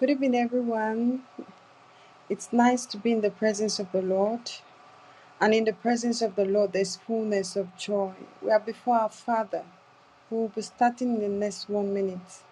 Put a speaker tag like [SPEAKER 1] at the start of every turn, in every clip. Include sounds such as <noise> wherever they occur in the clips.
[SPEAKER 1] Good evening, everyone. It's nice to be in the presence of the Lord. And in the presence of the Lord, there's fullness of joy. We are before our Father, who will be starting in the next one minute.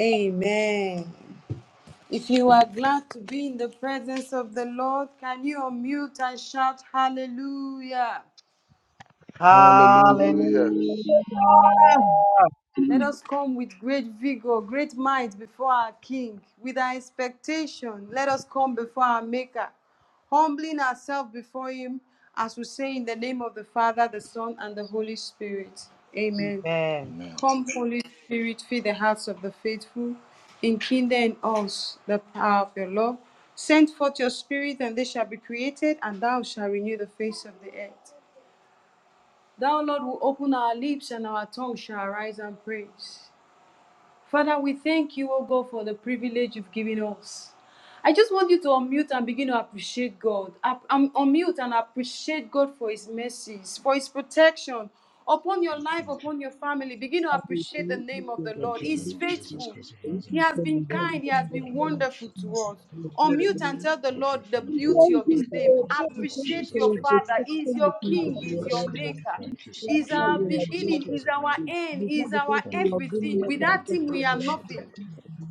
[SPEAKER 1] Amen. If you are glad to be in the presence of the Lord, can you unmute and shout hallelujah?
[SPEAKER 2] Thank
[SPEAKER 3] Hallelujah.
[SPEAKER 2] you
[SPEAKER 4] Hallelujah.
[SPEAKER 2] for your
[SPEAKER 1] Let us come with great vigor, great might before our King, with our expectation. Let us come before our Maker, humbling ourselves before Him, as we say in the name of the Father, the Son, and the Holy Spirit. Amen.
[SPEAKER 4] Amen.
[SPEAKER 3] Amen.
[SPEAKER 1] Come, Holy Spirit, fill the hearts of the faithful, enkindle in us the power of your love. Send forth your Spirit, and they shall be created, and thou shalt renew the face of the earth. Thou, Lord, will open our lips, and our tongue shall arise and praise. Father, we thank you, O God, for the privilege you've given us. I just want you to unmute and begin to appreciate God. Up- um, Unmute and appreciate God for His mercies, for His protection upon your life,
[SPEAKER 3] Thank you.
[SPEAKER 1] upon your family. Begin to
[SPEAKER 4] We
[SPEAKER 1] appreciate the
[SPEAKER 4] thank you
[SPEAKER 1] name of
[SPEAKER 4] for
[SPEAKER 1] the
[SPEAKER 4] your
[SPEAKER 1] Lord.
[SPEAKER 3] Thank you, in the
[SPEAKER 1] He's
[SPEAKER 3] name
[SPEAKER 4] goodness,
[SPEAKER 3] of
[SPEAKER 4] we
[SPEAKER 3] Jesus
[SPEAKER 1] faithful.
[SPEAKER 3] Christ of
[SPEAKER 4] thank
[SPEAKER 1] He
[SPEAKER 3] Nazareth.
[SPEAKER 1] has been
[SPEAKER 4] you for your grace, that we
[SPEAKER 1] kind. He
[SPEAKER 4] can
[SPEAKER 1] has been wonderful to us.
[SPEAKER 4] consider
[SPEAKER 1] Unmute and
[SPEAKER 4] you,
[SPEAKER 1] tell the
[SPEAKER 3] Thank you,
[SPEAKER 1] Lord the
[SPEAKER 3] Father, for what
[SPEAKER 4] that
[SPEAKER 3] you've
[SPEAKER 1] beauty
[SPEAKER 3] been
[SPEAKER 1] of His
[SPEAKER 4] we
[SPEAKER 3] doing
[SPEAKER 4] can
[SPEAKER 1] name.
[SPEAKER 3] now, in the
[SPEAKER 2] presence.
[SPEAKER 3] name of
[SPEAKER 2] Thank you
[SPEAKER 1] Appreciate
[SPEAKER 2] for
[SPEAKER 3] Jesus
[SPEAKER 1] your
[SPEAKER 2] your
[SPEAKER 4] thank
[SPEAKER 3] Christ of
[SPEAKER 1] Father.
[SPEAKER 2] protection.
[SPEAKER 3] Nazareth.
[SPEAKER 1] He's your
[SPEAKER 2] We
[SPEAKER 4] you, that we
[SPEAKER 2] Thank you
[SPEAKER 3] Have
[SPEAKER 1] King.
[SPEAKER 4] can
[SPEAKER 2] for
[SPEAKER 3] a
[SPEAKER 2] your
[SPEAKER 1] He's your
[SPEAKER 3] blessing,
[SPEAKER 2] presence.
[SPEAKER 4] follow
[SPEAKER 3] Lord.
[SPEAKER 1] Maker.
[SPEAKER 3] Thank you so
[SPEAKER 1] He's
[SPEAKER 3] much in
[SPEAKER 2] Father,
[SPEAKER 3] the
[SPEAKER 1] our
[SPEAKER 3] name of
[SPEAKER 2] you are
[SPEAKER 4] you, you
[SPEAKER 3] Jesus
[SPEAKER 4] are
[SPEAKER 1] beginning.
[SPEAKER 2] blessed.
[SPEAKER 3] Christ
[SPEAKER 1] He's
[SPEAKER 3] of
[SPEAKER 1] our
[SPEAKER 3] Nazareth.
[SPEAKER 1] end.
[SPEAKER 2] It's not
[SPEAKER 1] He's our
[SPEAKER 2] because you
[SPEAKER 3] Thank you
[SPEAKER 2] are
[SPEAKER 3] for
[SPEAKER 1] everything.
[SPEAKER 2] doing
[SPEAKER 3] that.
[SPEAKER 2] that, it's
[SPEAKER 3] Thank
[SPEAKER 1] Without
[SPEAKER 3] you,
[SPEAKER 2] because
[SPEAKER 1] Him,
[SPEAKER 2] you
[SPEAKER 3] Lord,
[SPEAKER 1] we
[SPEAKER 2] are
[SPEAKER 1] are
[SPEAKER 3] for
[SPEAKER 4] God.
[SPEAKER 2] righteous.
[SPEAKER 3] shifting
[SPEAKER 1] nothing.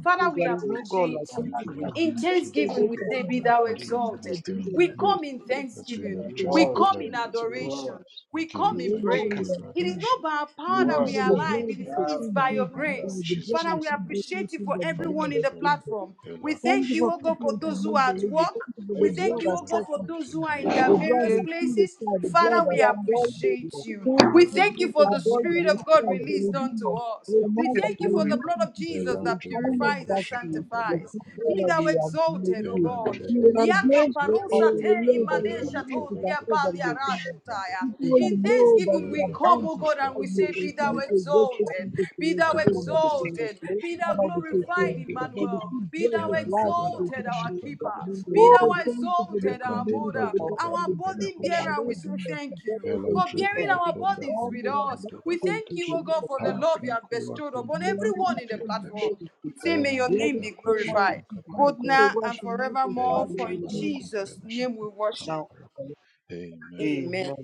[SPEAKER 1] Father,
[SPEAKER 2] Thank
[SPEAKER 1] we
[SPEAKER 4] There
[SPEAKER 2] you
[SPEAKER 4] is
[SPEAKER 2] for
[SPEAKER 4] no
[SPEAKER 2] it.
[SPEAKER 5] We
[SPEAKER 4] God like
[SPEAKER 1] appreciate
[SPEAKER 5] back
[SPEAKER 2] Thank
[SPEAKER 4] unto
[SPEAKER 1] you.
[SPEAKER 3] Thank
[SPEAKER 2] you
[SPEAKER 3] you, Lord,
[SPEAKER 4] you.
[SPEAKER 5] up
[SPEAKER 3] in the
[SPEAKER 1] In
[SPEAKER 3] name of
[SPEAKER 2] for
[SPEAKER 3] Jesus.
[SPEAKER 2] this
[SPEAKER 1] thanksgiving,
[SPEAKER 4] Faithful
[SPEAKER 1] we
[SPEAKER 5] here.
[SPEAKER 1] say,
[SPEAKER 2] person
[SPEAKER 1] Be thou
[SPEAKER 3] Thank
[SPEAKER 5] We
[SPEAKER 3] you for
[SPEAKER 2] for
[SPEAKER 1] exalted.
[SPEAKER 3] this
[SPEAKER 5] want-
[SPEAKER 3] day.
[SPEAKER 2] being
[SPEAKER 4] and
[SPEAKER 1] We
[SPEAKER 2] here.
[SPEAKER 4] true,
[SPEAKER 3] Lord,
[SPEAKER 1] come in
[SPEAKER 3] that we
[SPEAKER 2] Thank
[SPEAKER 3] may
[SPEAKER 1] thanksgiving.
[SPEAKER 2] you
[SPEAKER 5] we
[SPEAKER 2] for the
[SPEAKER 3] rejoice
[SPEAKER 4] our
[SPEAKER 1] We
[SPEAKER 3] and
[SPEAKER 2] wind.
[SPEAKER 3] be
[SPEAKER 2] Thank
[SPEAKER 1] come
[SPEAKER 3] glad
[SPEAKER 5] worship.
[SPEAKER 4] ancient
[SPEAKER 1] in
[SPEAKER 3] in
[SPEAKER 5] you,
[SPEAKER 3] it,
[SPEAKER 4] of
[SPEAKER 5] We
[SPEAKER 3] O
[SPEAKER 4] days,
[SPEAKER 3] God.
[SPEAKER 1] adoration.
[SPEAKER 5] worship.
[SPEAKER 3] We
[SPEAKER 1] We
[SPEAKER 4] the
[SPEAKER 3] give you
[SPEAKER 1] come in
[SPEAKER 2] you for
[SPEAKER 3] thanks.
[SPEAKER 2] all
[SPEAKER 3] We
[SPEAKER 4] Waymaker,
[SPEAKER 2] you
[SPEAKER 3] give
[SPEAKER 1] praise.
[SPEAKER 2] have.
[SPEAKER 3] you
[SPEAKER 1] It is
[SPEAKER 3] adoration.
[SPEAKER 1] not by our
[SPEAKER 5] you, We
[SPEAKER 4] the
[SPEAKER 1] power
[SPEAKER 2] Thank
[SPEAKER 1] that
[SPEAKER 2] you
[SPEAKER 1] we
[SPEAKER 4] good
[SPEAKER 2] for
[SPEAKER 5] worship.
[SPEAKER 1] are
[SPEAKER 3] Blessed
[SPEAKER 2] the
[SPEAKER 3] be
[SPEAKER 4] God,
[SPEAKER 3] your
[SPEAKER 1] alive,
[SPEAKER 3] name
[SPEAKER 2] blood of
[SPEAKER 1] it is
[SPEAKER 3] forever,
[SPEAKER 2] the
[SPEAKER 3] Lord.
[SPEAKER 1] it's
[SPEAKER 2] King
[SPEAKER 1] by
[SPEAKER 5] Welcome,
[SPEAKER 1] your
[SPEAKER 2] Jesus.
[SPEAKER 3] In the name
[SPEAKER 2] Thank
[SPEAKER 3] of
[SPEAKER 2] you
[SPEAKER 1] grace.
[SPEAKER 2] for The
[SPEAKER 3] Jesus
[SPEAKER 2] blood
[SPEAKER 1] Father,
[SPEAKER 2] of
[SPEAKER 1] we
[SPEAKER 3] Christ of
[SPEAKER 2] Jesus.
[SPEAKER 3] Nazareth.
[SPEAKER 2] Thank you
[SPEAKER 1] appreciate you for
[SPEAKER 2] for the
[SPEAKER 3] Thank
[SPEAKER 1] everyone
[SPEAKER 2] blood
[SPEAKER 3] you,
[SPEAKER 1] in
[SPEAKER 2] of
[SPEAKER 1] the
[SPEAKER 3] Father.
[SPEAKER 2] Jesus.
[SPEAKER 1] platform. We
[SPEAKER 3] Vela
[SPEAKER 2] Thank
[SPEAKER 1] thank
[SPEAKER 2] you
[SPEAKER 3] koshe
[SPEAKER 1] you,
[SPEAKER 2] for
[SPEAKER 1] oh God,
[SPEAKER 3] pranka
[SPEAKER 1] for
[SPEAKER 2] covering from
[SPEAKER 1] those
[SPEAKER 3] para
[SPEAKER 1] who are at
[SPEAKER 3] konvelash.
[SPEAKER 2] unbelievers.
[SPEAKER 1] work.
[SPEAKER 2] Thank you for
[SPEAKER 1] We
[SPEAKER 2] the
[SPEAKER 3] Vela
[SPEAKER 1] thank
[SPEAKER 2] blood
[SPEAKER 1] you,
[SPEAKER 2] that
[SPEAKER 1] oh God,
[SPEAKER 2] set
[SPEAKER 1] for
[SPEAKER 2] from
[SPEAKER 1] those
[SPEAKER 3] konfi
[SPEAKER 1] who are
[SPEAKER 4] the
[SPEAKER 1] in their
[SPEAKER 3] kambela.
[SPEAKER 2] the blood
[SPEAKER 1] various
[SPEAKER 2] that
[SPEAKER 4] Shade,
[SPEAKER 2] healed the
[SPEAKER 1] places.
[SPEAKER 2] child, the blood
[SPEAKER 1] Father,
[SPEAKER 4] we
[SPEAKER 2] that
[SPEAKER 1] we
[SPEAKER 2] sanctified.
[SPEAKER 4] adore you,
[SPEAKER 1] appreciate
[SPEAKER 4] Lord.
[SPEAKER 1] you.
[SPEAKER 2] who
[SPEAKER 1] We
[SPEAKER 2] the
[SPEAKER 1] thank
[SPEAKER 4] We
[SPEAKER 1] you for
[SPEAKER 2] is a
[SPEAKER 1] the
[SPEAKER 4] adore you,
[SPEAKER 2] brand of
[SPEAKER 1] Spirit
[SPEAKER 4] we
[SPEAKER 2] a
[SPEAKER 4] lift
[SPEAKER 1] of
[SPEAKER 4] you
[SPEAKER 1] God
[SPEAKER 2] concern to
[SPEAKER 1] released
[SPEAKER 2] redeem
[SPEAKER 1] unto
[SPEAKER 2] us
[SPEAKER 1] us.
[SPEAKER 2] from
[SPEAKER 1] We
[SPEAKER 4] Receive
[SPEAKER 2] all
[SPEAKER 4] your
[SPEAKER 2] that
[SPEAKER 1] thank you
[SPEAKER 2] are
[SPEAKER 1] for
[SPEAKER 4] glory,
[SPEAKER 1] the
[SPEAKER 2] related
[SPEAKER 4] Lord.
[SPEAKER 1] blood of
[SPEAKER 2] to the
[SPEAKER 1] Jesus
[SPEAKER 3] Vela
[SPEAKER 2] Lord,
[SPEAKER 1] that
[SPEAKER 2] calling
[SPEAKER 3] ndrebela
[SPEAKER 4] Receive
[SPEAKER 2] us
[SPEAKER 1] purifies and
[SPEAKER 2] back
[SPEAKER 3] koshe
[SPEAKER 2] to His
[SPEAKER 3] pranka
[SPEAKER 2] first,
[SPEAKER 3] para
[SPEAKER 1] sanctifies.
[SPEAKER 4] receive praise,
[SPEAKER 1] Be
[SPEAKER 3] konvelash.
[SPEAKER 1] thou
[SPEAKER 2] we are
[SPEAKER 1] exalted, O
[SPEAKER 2] grateful.
[SPEAKER 3] Vela
[SPEAKER 1] God.
[SPEAKER 2] We
[SPEAKER 3] ndrebela
[SPEAKER 2] are
[SPEAKER 1] Liaka
[SPEAKER 3] koshe
[SPEAKER 2] grateful
[SPEAKER 4] glory,
[SPEAKER 2] for
[SPEAKER 4] honor,
[SPEAKER 3] prankash.
[SPEAKER 1] parusa te
[SPEAKER 2] your
[SPEAKER 4] and
[SPEAKER 2] ways
[SPEAKER 4] honor
[SPEAKER 2] and
[SPEAKER 1] imane
[SPEAKER 4] to
[SPEAKER 2] your
[SPEAKER 4] you.
[SPEAKER 2] goodness
[SPEAKER 1] shato
[SPEAKER 2] is our faith
[SPEAKER 1] liaba
[SPEAKER 2] and
[SPEAKER 3] kutala
[SPEAKER 2] our
[SPEAKER 3] koshe
[SPEAKER 2] kingdom.
[SPEAKER 3] pranka
[SPEAKER 1] liarashutaya.
[SPEAKER 2] Even
[SPEAKER 4] in the
[SPEAKER 2] you
[SPEAKER 1] In
[SPEAKER 4] mighty
[SPEAKER 2] know
[SPEAKER 4] name of
[SPEAKER 2] that
[SPEAKER 1] thanksgiving
[SPEAKER 2] we
[SPEAKER 1] we
[SPEAKER 2] are
[SPEAKER 3] Vela
[SPEAKER 4] Jesus.
[SPEAKER 1] come,
[SPEAKER 2] bound
[SPEAKER 1] O
[SPEAKER 2] to
[SPEAKER 3] zako
[SPEAKER 1] God, and we
[SPEAKER 2] serve
[SPEAKER 3] pala
[SPEAKER 2] you,
[SPEAKER 1] say,
[SPEAKER 4] Things
[SPEAKER 2] to
[SPEAKER 3] koshe
[SPEAKER 1] Be thou
[SPEAKER 2] continue
[SPEAKER 4] like
[SPEAKER 2] to
[SPEAKER 4] that,
[SPEAKER 2] wait for
[SPEAKER 4] God,
[SPEAKER 1] exalted,
[SPEAKER 2] people to
[SPEAKER 1] be thou
[SPEAKER 2] to
[SPEAKER 4] thank
[SPEAKER 2] come
[SPEAKER 3] Vandera
[SPEAKER 4] you
[SPEAKER 2] back
[SPEAKER 4] the
[SPEAKER 2] to you.
[SPEAKER 4] King of
[SPEAKER 3] konvela
[SPEAKER 1] exalted,
[SPEAKER 4] Glory,
[SPEAKER 1] be
[SPEAKER 3] koshe
[SPEAKER 1] thou
[SPEAKER 2] Father,
[SPEAKER 3] pranka
[SPEAKER 2] we take
[SPEAKER 3] para
[SPEAKER 4] thank
[SPEAKER 1] glorified,
[SPEAKER 2] thanks.
[SPEAKER 4] you that
[SPEAKER 2] For
[SPEAKER 4] we
[SPEAKER 3] konvelash.
[SPEAKER 2] the
[SPEAKER 1] Emmanuel.
[SPEAKER 4] can
[SPEAKER 2] two
[SPEAKER 1] Be thou
[SPEAKER 2] blessed
[SPEAKER 1] exalted!"
[SPEAKER 3] Vela
[SPEAKER 2] life we
[SPEAKER 3] ndrebela
[SPEAKER 2] take
[SPEAKER 1] exalted,
[SPEAKER 4] thank
[SPEAKER 3] koshe
[SPEAKER 1] our
[SPEAKER 2] thanks.
[SPEAKER 4] you
[SPEAKER 3] pranka
[SPEAKER 4] for
[SPEAKER 1] keeper. Be
[SPEAKER 4] moving
[SPEAKER 2] Oh,
[SPEAKER 4] the
[SPEAKER 1] thou
[SPEAKER 4] earth.
[SPEAKER 2] thank you for the
[SPEAKER 1] exalted,
[SPEAKER 2] good
[SPEAKER 1] our
[SPEAKER 3] Vegranti
[SPEAKER 4] thank
[SPEAKER 2] news
[SPEAKER 1] mother.
[SPEAKER 4] you
[SPEAKER 2] that we
[SPEAKER 3] pranto
[SPEAKER 4] our
[SPEAKER 2] got from
[SPEAKER 1] Our
[SPEAKER 3] praco
[SPEAKER 2] the Jesus,
[SPEAKER 1] burden
[SPEAKER 3] pedago
[SPEAKER 2] our
[SPEAKER 4] people,
[SPEAKER 1] bearer, we
[SPEAKER 2] Lord
[SPEAKER 1] say
[SPEAKER 3] shepandash.
[SPEAKER 2] Jesus, the
[SPEAKER 1] thank you
[SPEAKER 2] brothers
[SPEAKER 4] thank
[SPEAKER 2] and
[SPEAKER 1] for
[SPEAKER 4] you
[SPEAKER 3] Velandre
[SPEAKER 1] bearing
[SPEAKER 2] sisters,
[SPEAKER 3] vago
[SPEAKER 4] faithful,
[SPEAKER 1] our
[SPEAKER 3] fenda
[SPEAKER 1] burdens
[SPEAKER 2] all
[SPEAKER 1] with
[SPEAKER 2] who
[SPEAKER 3] combi
[SPEAKER 2] are
[SPEAKER 1] us.
[SPEAKER 2] broken
[SPEAKER 3] candela
[SPEAKER 1] We
[SPEAKER 2] down
[SPEAKER 4] thank
[SPEAKER 1] thank
[SPEAKER 4] you
[SPEAKER 1] you,
[SPEAKER 4] the
[SPEAKER 3] condash.
[SPEAKER 1] O
[SPEAKER 4] Lord
[SPEAKER 2] the
[SPEAKER 1] God,
[SPEAKER 4] of
[SPEAKER 1] for the
[SPEAKER 4] mercy,
[SPEAKER 2] sin,
[SPEAKER 3] Ha
[SPEAKER 1] love you have
[SPEAKER 3] cranco
[SPEAKER 1] bestowed
[SPEAKER 3] vacum
[SPEAKER 1] upon
[SPEAKER 2] we are
[SPEAKER 3] bila
[SPEAKER 4] thank
[SPEAKER 1] everyone
[SPEAKER 2] people
[SPEAKER 1] in the
[SPEAKER 2] who
[SPEAKER 3] confiladesh.
[SPEAKER 2] do
[SPEAKER 1] platform.
[SPEAKER 4] you
[SPEAKER 1] We
[SPEAKER 4] for
[SPEAKER 1] say,
[SPEAKER 4] the
[SPEAKER 1] may your
[SPEAKER 2] we
[SPEAKER 3] Velandre
[SPEAKER 2] are
[SPEAKER 1] name
[SPEAKER 2] the
[SPEAKER 1] be
[SPEAKER 3] vacum
[SPEAKER 2] people
[SPEAKER 4] thank
[SPEAKER 2] who
[SPEAKER 4] you
[SPEAKER 1] glorified,
[SPEAKER 2] are
[SPEAKER 3] shipranca
[SPEAKER 4] for
[SPEAKER 3] para
[SPEAKER 2] from
[SPEAKER 1] both
[SPEAKER 4] the
[SPEAKER 2] people
[SPEAKER 1] now
[SPEAKER 2] who are
[SPEAKER 1] and
[SPEAKER 3] confilash.
[SPEAKER 2] from the work and make a
[SPEAKER 1] forevermore.
[SPEAKER 4] coming
[SPEAKER 2] struggle
[SPEAKER 1] For
[SPEAKER 3] Velandre
[SPEAKER 2] with
[SPEAKER 1] in
[SPEAKER 2] me
[SPEAKER 4] even
[SPEAKER 3] vala
[SPEAKER 2] and
[SPEAKER 1] Jesus'
[SPEAKER 3] confilash.
[SPEAKER 1] name we worship.
[SPEAKER 4] now.
[SPEAKER 3] Camparacum.
[SPEAKER 4] and
[SPEAKER 3] Amen.
[SPEAKER 1] Amen.
[SPEAKER 4] Amen.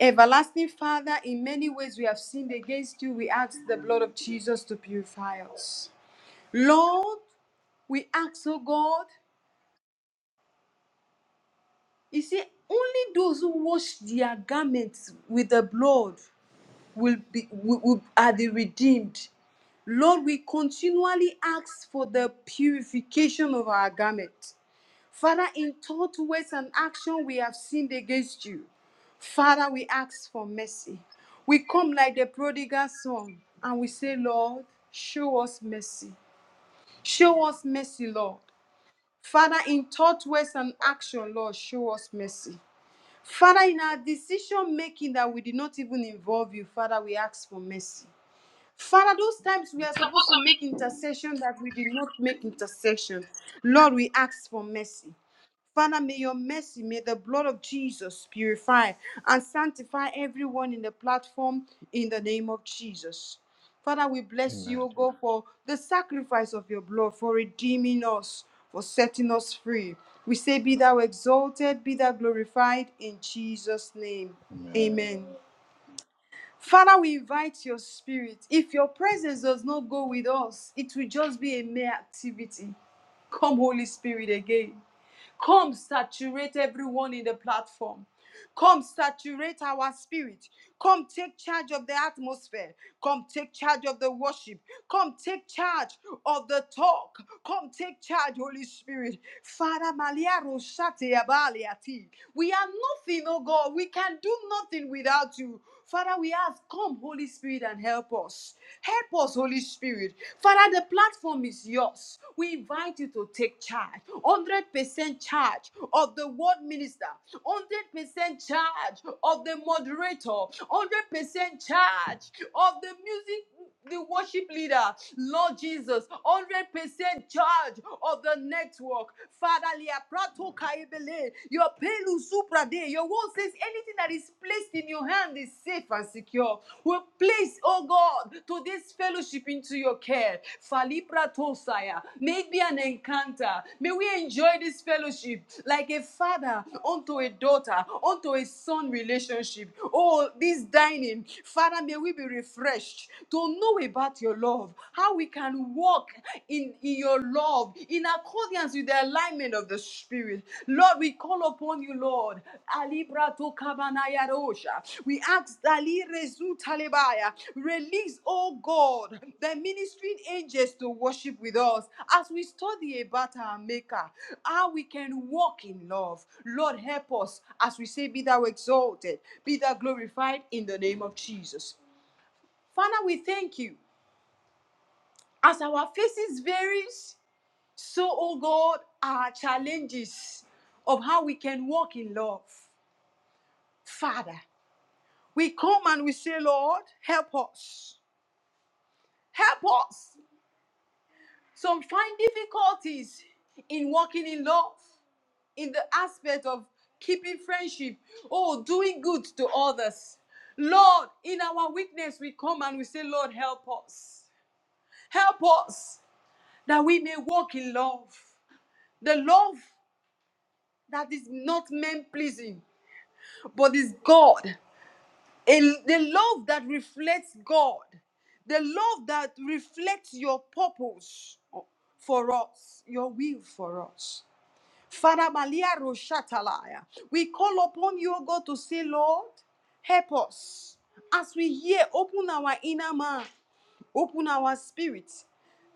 [SPEAKER 1] Everlasting Father, in many ways we have sinned against you. We ask the blood of Jesus to purify us. Lord, we ask, O God, He said, only those who wash their garments with the blood will be will, will- are the redeemed. Lord, we continually ask for the purification of our garment. Father, in thought, words, and action, we have sinned against you. Father, we ask for mercy. We come like the prodigal son and we say, Lord, show us mercy. Show us mercy, Lord. Father, in thought, words, and action, Lord, show us mercy. Father, in our decision making that we did not even involve you, Father, we ask for mercy. Father, those times we are supposed to make intercession that we did not make intercession. Lord, we ask for mercy. Father, may your mercy, may the blood of Jesus purify and sanctify everyone in the platform in the name of Jesus. Father, we bless you,
[SPEAKER 3] Amen.
[SPEAKER 1] O God, for the sacrifice of your blood, for redeeming us, for setting us free. We say, Be thou exalted, be thou glorified in Jesus' name.
[SPEAKER 3] Amen.
[SPEAKER 1] Amen. Father, we invite your spirit. If your presence does not go with us, it will just be a mere activity. Come, Holy Spirit, again. Come saturate everyone in the platform. Come saturate our spirit. Come take charge of the atmosphere. Come take charge of the worship. Come take charge of the talk. Come take charge, Holy Spirit. Father, Malia Roshate Abaliati. we are nothing, oh God. We can do nothing without you. Father, we ask, come, Holy Spirit, and help us. Help us, Holy Spirit. Father, the platform is yours. We invite you to take charge. 100% charge of the word minister, 100% charge of the moderator, 100% charge of the music the worship leader, Lord Jesus, 100% charge of the network. Father, Lia Prato Kaibele, your Pelu Suprade, your word says anything that is placed in your hand is safe and secure. We place, oh God, to this fellowship into your care. Falibra Tosaya, may it be an encounter. May we enjoy this fellowship like a father unto a daughter, unto a son relationship. Oh, this dining, Father, may we be refreshed afresh to know about your love, how we can walk in, in your love in accordance with the alignment of the Spirit. Lord, we call upon you, Lord. Alibra to kabanaya rosha. We ask Dali Rezu Talebaya, release, oh God, the ministering angels to worship with us as we study about our Maker, how we can walk in love. Lord, help us as we say, Be thou exalted, be thou glorified in the name of Jesus. Father, we thank you. As our faces varies, so, oh God, our challenges of how we can walk in love. Father, we come and we say, Lord, help us. Help us. Some find difficulties in walking in love, in the aspect of keeping friendship, oh, doing good to others. Lord, in our weakness, we come and we say, Lord, help us. Help us that we may walk in love. The love that is not man pleasing, but is God. And the love that reflects God. The love that reflects your purpose for us, your will for us. Father Malia Roshatalaya, we call upon you, O God, to say, Lord, help us. As we hear, open our inner man, open our spirit.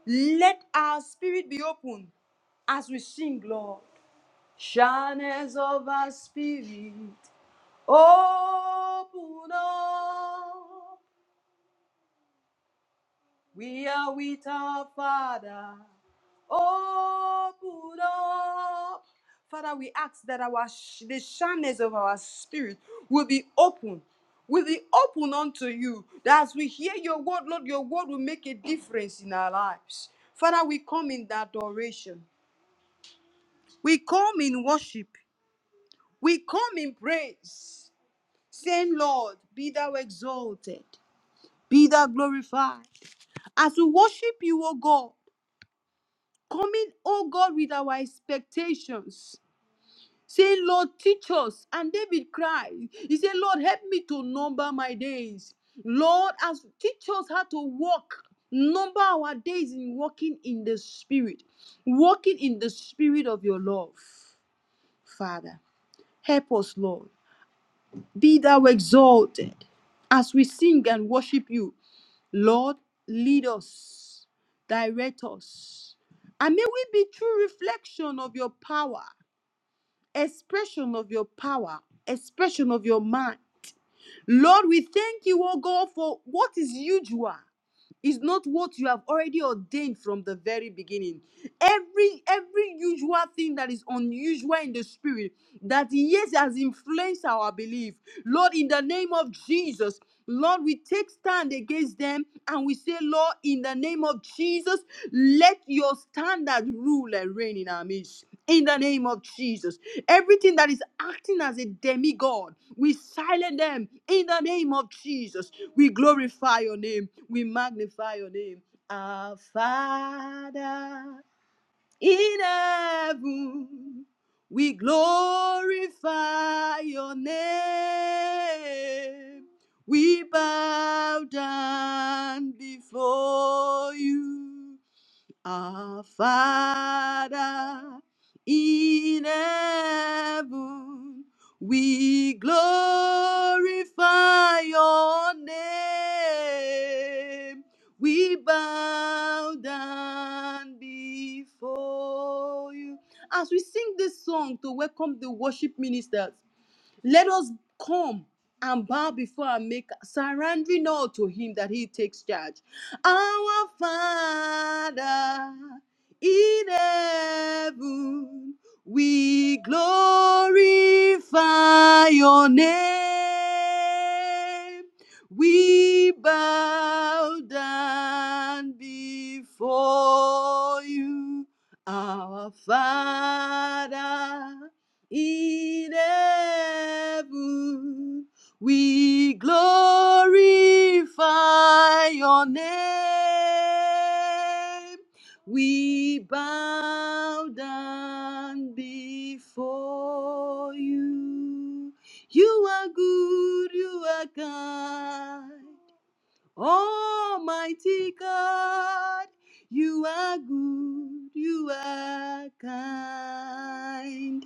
[SPEAKER 1] Let our spirit be open as we sing, Lord. Shines of our spirit, open up. We are with our Father. Open up. Father, we ask that our sh- the shines of our spirit will be open will be open unto you. That as we hear your word, Lord, your word will make a difference in our lives. Father, we come in adoration. We come in worship. We come in praise. saying, Lord, be thou exalted, be thou glorified. As we worship you, O God, coming, O God, with our expectations. Saying, Lord, teach us. And David cried. He said, Lord, help me to number my days. Lord, as teach us how to walk, number our days in walking in the spirit, walking in the spirit of your love, Father. Help us, Lord. Be thou exalted as we sing and worship you. Lord, lead us, direct us, and may we be true reflection of your power, expression of your power, expression of your mind. Lord, we thank you, oh God, for what is usual is not what you have already ordained from the very beginning. Every every usual thing that is unusual in the spirit that yes has influenced our belief. Lord, in the name of Jesus, Lord, we take stand against them and we say, Lord, in the name of Jesus, let your standard rule and reign in our midst. In the name of Jesus. Everything that is acting as a demigod, we silence them in the name of Jesus. We glorify your name. We magnify your name. Our Father in heaven, we glorify your name. We bow down before you. Our Father in heaven, we glorify your name. We bow down before you. As we sing this song to welcome the worship ministers, let us come and bow before our Maker, surrendering all to Him that He takes charge. Our Father in heaven, we glorify your name. We bow down before you, our Father in heaven. We glorify your name. We bow down before you. You are good, you are kind. Almighty God, you are good, you are kind.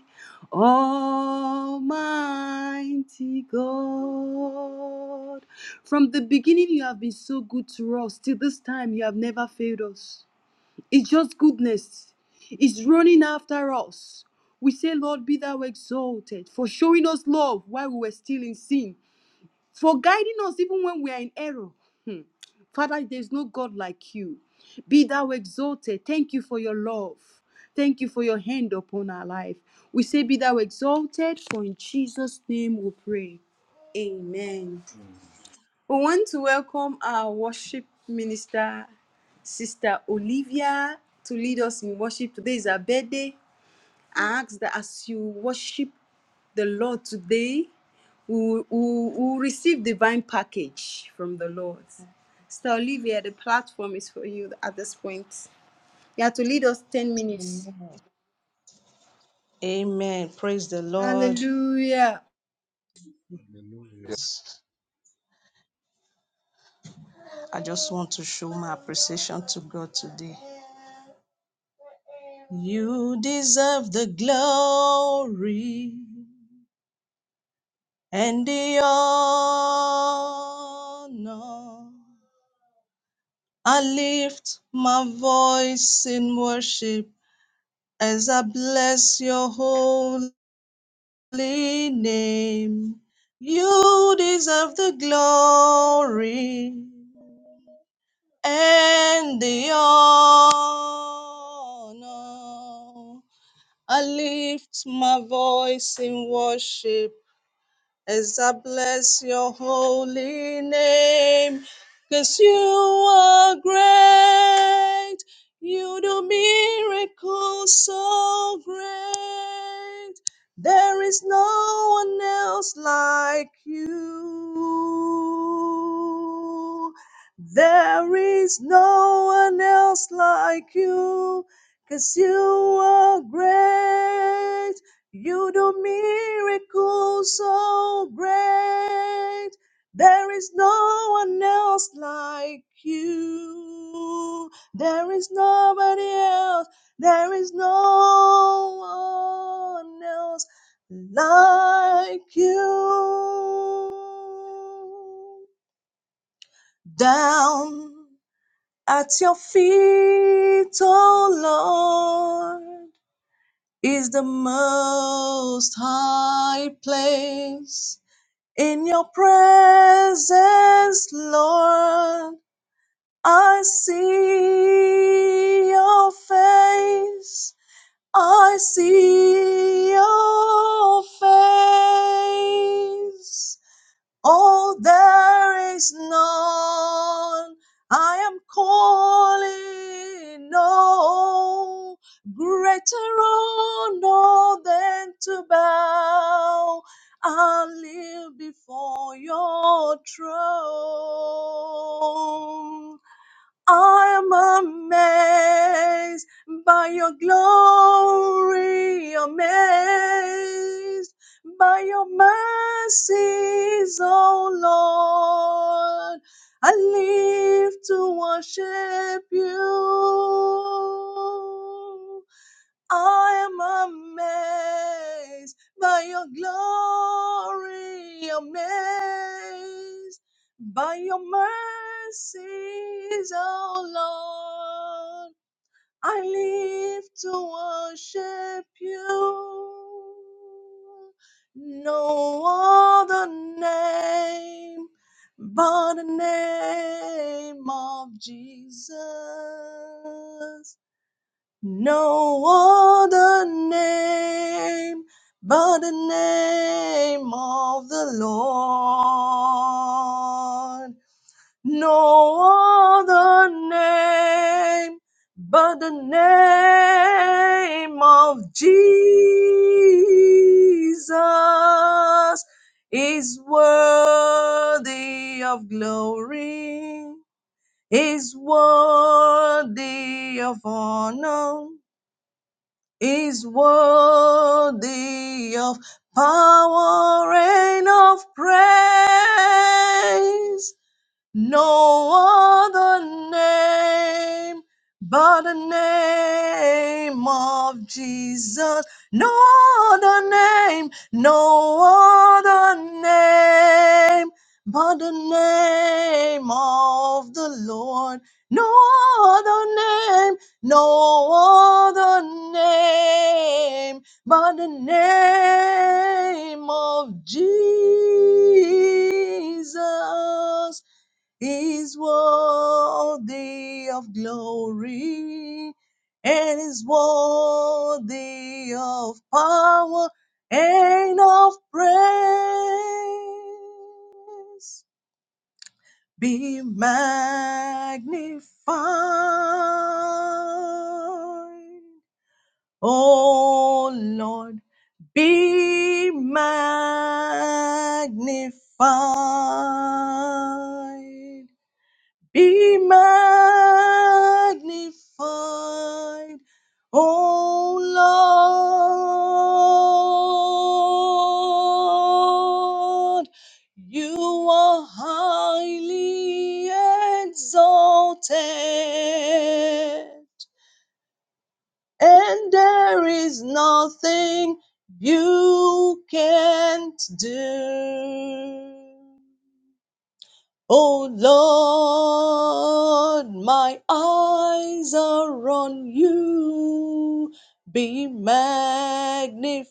[SPEAKER 1] Almighty God, from the beginning you have been so good to us. Till this time, you have never failed us. It's just goodness. It's running after us. We say, Lord, be thou exalted for showing us love while we were still in sin for guiding us even when we are in error. Hmm. Father, there's no God like you. Be thou exalted. Thank you for your love. Thank you for your hand upon our life. We say, Be thou exalted, for in Jesus' name we pray. Amen.
[SPEAKER 3] Amen.
[SPEAKER 1] We want to welcome our worship minister, Sister Olivia, to lead us in worship. Today is her birthday. I ask that as you worship the Lord today. We will, we will- we will receive divine package from the Lord. Sister Olivia, the platform is for you at this point. You have to lead us 10 minutes.
[SPEAKER 6] Amen. Amen. Praise the Lord.
[SPEAKER 1] Hallelujah.
[SPEAKER 3] Hallelujah.
[SPEAKER 6] I just want to show my appreciation to God today. You deserve the glory and the honor. I lift my voice in worship as I bless your holy name. You deserve the glory and the honor. I lift my voice in worship as I bless your holy name, 'cause you are great, you do miracles so great. There is no one else like you. There is no one else like You, 'cause you are great. You do miracles so great. There is no one else like you. There is nobody else. There is no one else like you. Down at your feet, oh Lord is the most high place. In your presence, Lord, I see your face. I see your face. Oh, there is none. I am calling. No greater honor than to bow and live before your throne. I'm amazed by your glory, amazed by your mercies, O Lord. I live to worship you. I am amazed by your glory, amazed by your mercies, oh Lord. I live to worship you. No other name but the name of Jesus. No other name but the name of the Lord. No other name but the name of Jesus is worthy of glory, is worthy of honor is worthy of power and of praise. No other name but the name of Jesus. No other name, no other name but the name of the Lord. No other name, no other name but the name of Jesus is worthy of glory and is worthy of power and of praise. Be magnified, O Lord, be magnified be magnified, O Lord. You are highly exalted, and there is nothing you can't do. O Lord, my eyes are on you. Be magnified.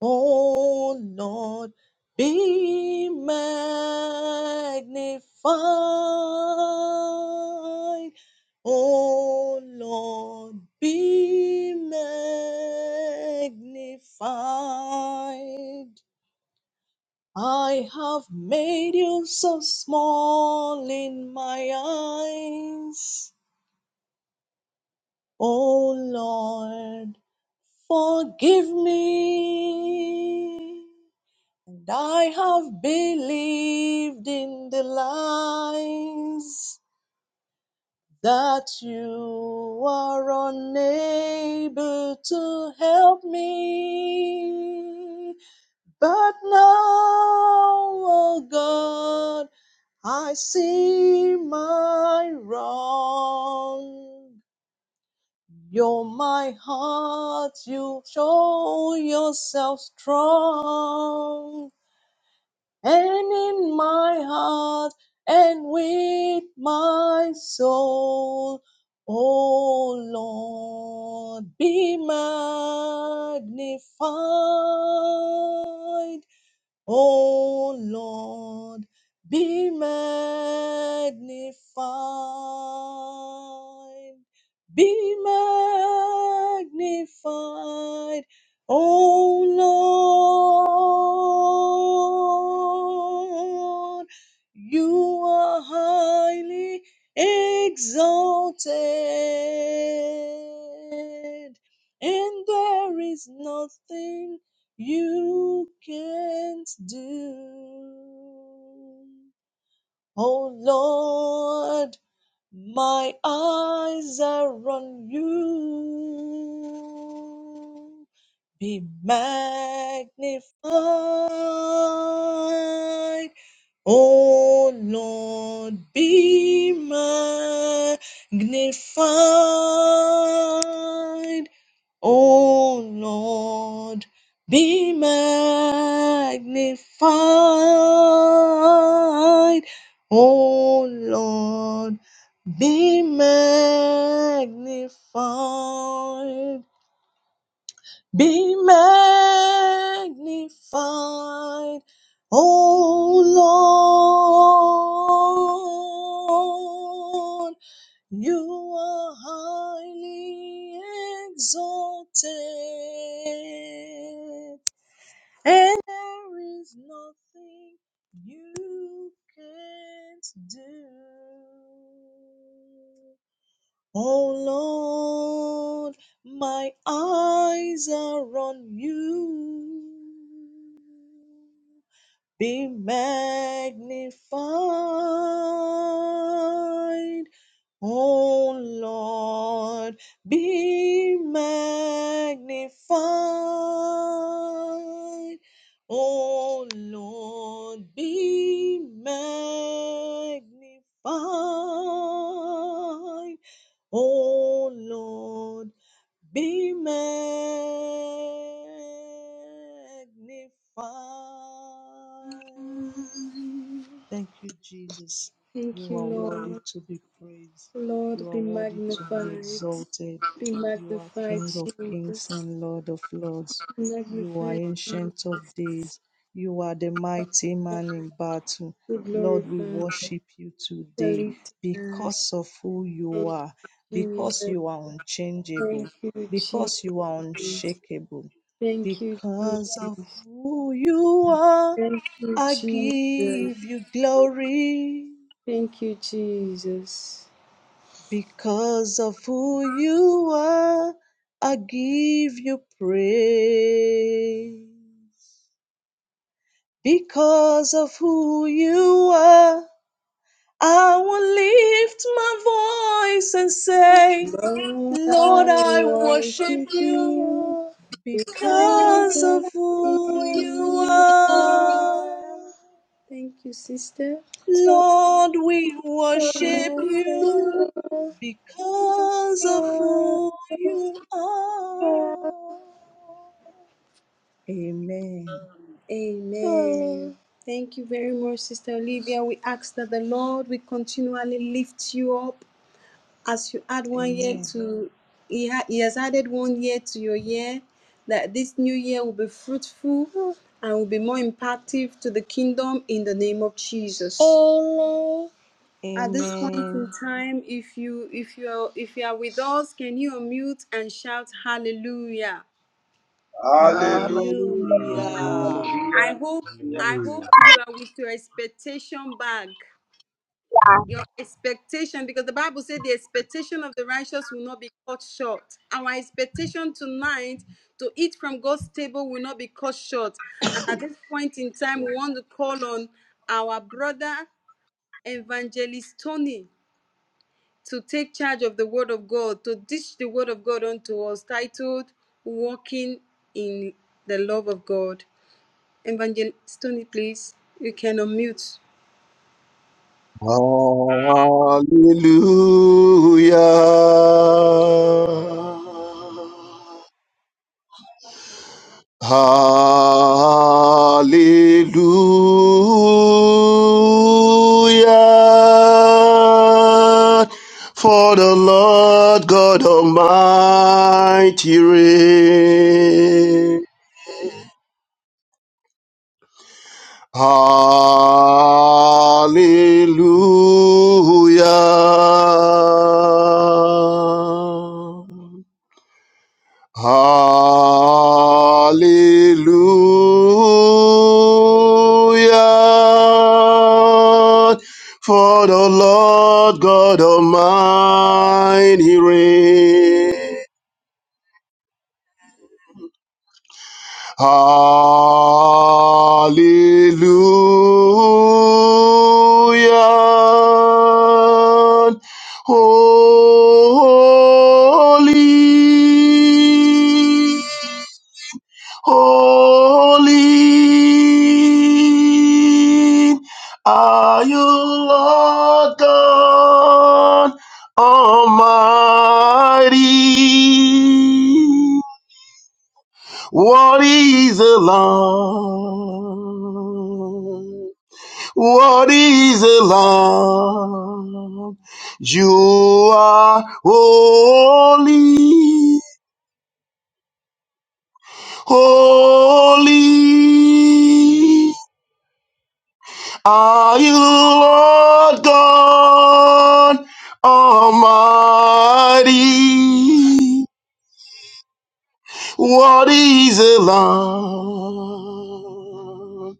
[SPEAKER 6] O Lord, be magnified. O Lord, be magnified. I have made you so small in my eyes. O Lord, forgive me. And I have believed in the lies that you are unable to help me. But now, O God. I see my wrong. You're my heart, you show yourself strong. And in my heart and with my soul, oh Lord, be magnified. O Lord, be magnified, be magnified, O Lord, you are highly exalted, and there is nothing you can't do. Oh Lord, my eyes are on you. Be magnified, oh Lord, be magnified. O Lord, be magnified. O Lord, be magnified. Be magnified. O Lord. You are highly exalted, and there is nothing you can't do. Oh Lord, my eyes are on you be magnified. O Lord, be magnified. O Lord, be magnified. Oh Lord, be magnified. Thank you, Jesus.
[SPEAKER 1] Thank
[SPEAKER 6] You
[SPEAKER 1] you,
[SPEAKER 6] are worthy
[SPEAKER 1] Lord.
[SPEAKER 6] to be praised. You
[SPEAKER 1] Lord,
[SPEAKER 6] are
[SPEAKER 1] be
[SPEAKER 6] worthy to be
[SPEAKER 1] magnified.
[SPEAKER 6] exalted.
[SPEAKER 1] Be
[SPEAKER 6] You are King of kings and Lord of lords. You are
[SPEAKER 1] Magnified,
[SPEAKER 6] Ancient of days. You are the mighty man in battle.
[SPEAKER 1] Be
[SPEAKER 6] Lord, we
[SPEAKER 1] glorified.
[SPEAKER 6] worship you today
[SPEAKER 1] Hallelujah.
[SPEAKER 6] because of who you are, because you are
[SPEAKER 1] Thank
[SPEAKER 6] unchangeable,
[SPEAKER 1] you, Jesus.
[SPEAKER 6] because you are unshakable,
[SPEAKER 1] Thank you, Jesus.
[SPEAKER 6] because of who you
[SPEAKER 1] Thank you,
[SPEAKER 6] are.
[SPEAKER 1] thank you,
[SPEAKER 6] I
[SPEAKER 1] Jesus.
[SPEAKER 6] give you glory
[SPEAKER 1] Thank you, Jesus.
[SPEAKER 6] because of who you are. I give you praise because of who you are. I will lift my voice and say,
[SPEAKER 1] Lord, I
[SPEAKER 6] Lord, I
[SPEAKER 1] worship
[SPEAKER 6] worship you
[SPEAKER 1] you. Because
[SPEAKER 6] because
[SPEAKER 1] of-
[SPEAKER 6] of who you are.
[SPEAKER 1] Thank you, sister.
[SPEAKER 6] Lord, we worship you because of who you are. Amen.
[SPEAKER 1] Amen. Thank you very much, Sister Olivia. We ask that the Lord will continually lift you up as you add one year
[SPEAKER 6] Amen.
[SPEAKER 1] to, He, ha- he has added one year to your year, that this new year will be fruitful and will be more impactful to the kingdom in the name of Jesus. at this point in
[SPEAKER 6] Amen.
[SPEAKER 1] time if you if you're if you are with us can you unmute and shout hallelujah
[SPEAKER 7] Hallelujah.
[SPEAKER 4] Hallelujah.
[SPEAKER 6] Hallelujah.
[SPEAKER 3] Hallelujah.
[SPEAKER 1] i
[SPEAKER 5] Hallelujah.
[SPEAKER 1] hope i hope
[SPEAKER 3] Hallelujah.
[SPEAKER 1] you are with your expectation bag your expectation because the bible said the expectation of the righteous will not be cut short our expectation tonight to eat from god's table will not be cut short and at this point in time we want to call on our brother evangelist tony to take charge of the word of God, to teach the word of God unto us, titled Walking in the Love of God. Evangelist Tony, please, you can unmute.
[SPEAKER 8] Hallelujah. Hallelujah. For the Lord God Almighty reigns. Hallelujah. Hallelujah. For the Lord God Almighty reigns. Hallelujah. Holy, holy are you, Lord God Almighty. What is a lamb? What is a lamb? You are holy, holy. Are you Lord God Almighty? What is a lamb?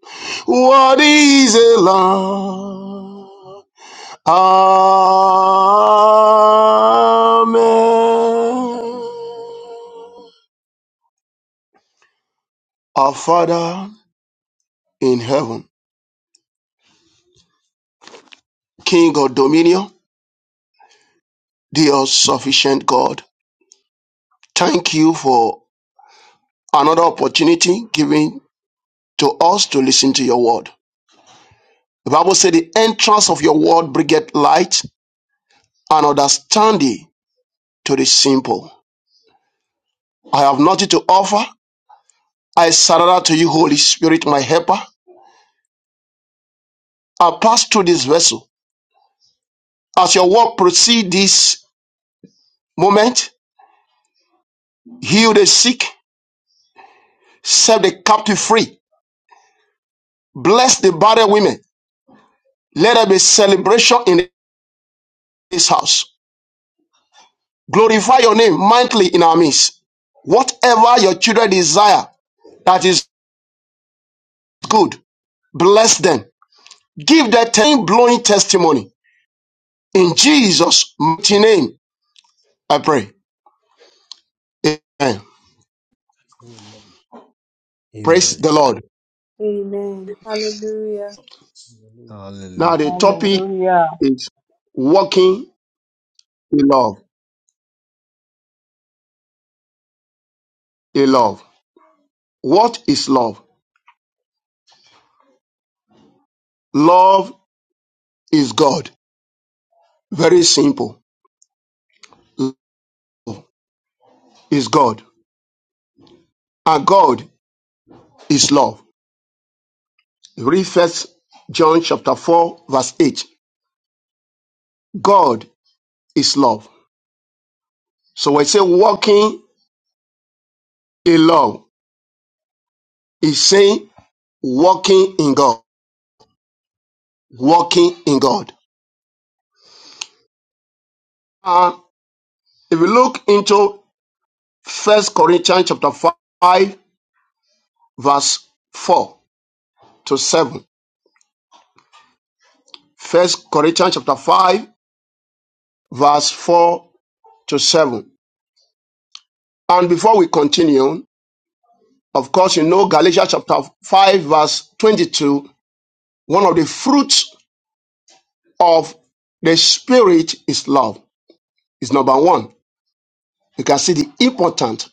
[SPEAKER 8] What is a lamb? Amen. Our Father in heaven, King of dominion, the all sufficient God, thank you for another opportunity given to us to listen to your word. The Bible said the entrance of your word bringeth light and understanding to the simple. I have nothing to offer. I surrender to you, Holy Spirit, my helper. I pass through this vessel. As your work proceed this moment, heal the sick, set the captive free, bless the barren women. Let there be celebration in this house. Glorify your name mightily in our midst. Whatever your children desire that is good, bless them. Give that blowing testimony. In Jesus' mighty name, I pray. Amen.
[SPEAKER 3] Amen.
[SPEAKER 8] Praise
[SPEAKER 9] Amen.
[SPEAKER 8] the Lord.
[SPEAKER 1] Amen. Hallelujah.
[SPEAKER 3] Hallelujah.
[SPEAKER 8] Now the
[SPEAKER 9] Hallelujah.
[SPEAKER 8] topic
[SPEAKER 6] Hallelujah.
[SPEAKER 8] is walking in love. In love. What is love? Love is God. Very simple. Love Is God. And God is love. Read first John chapter 4, verse 8. God is love. So when I say walking in love, it's saying walking in God. Walking in God. And if you look into First Corinthians chapter 5, verse 4 to 7. First Corinthians chapter 5, verse 4 to 7. And before we continue, of course, you know Galatians chapter 5, verse 22, one of the fruits of the Spirit is love, is number one. You can see the importance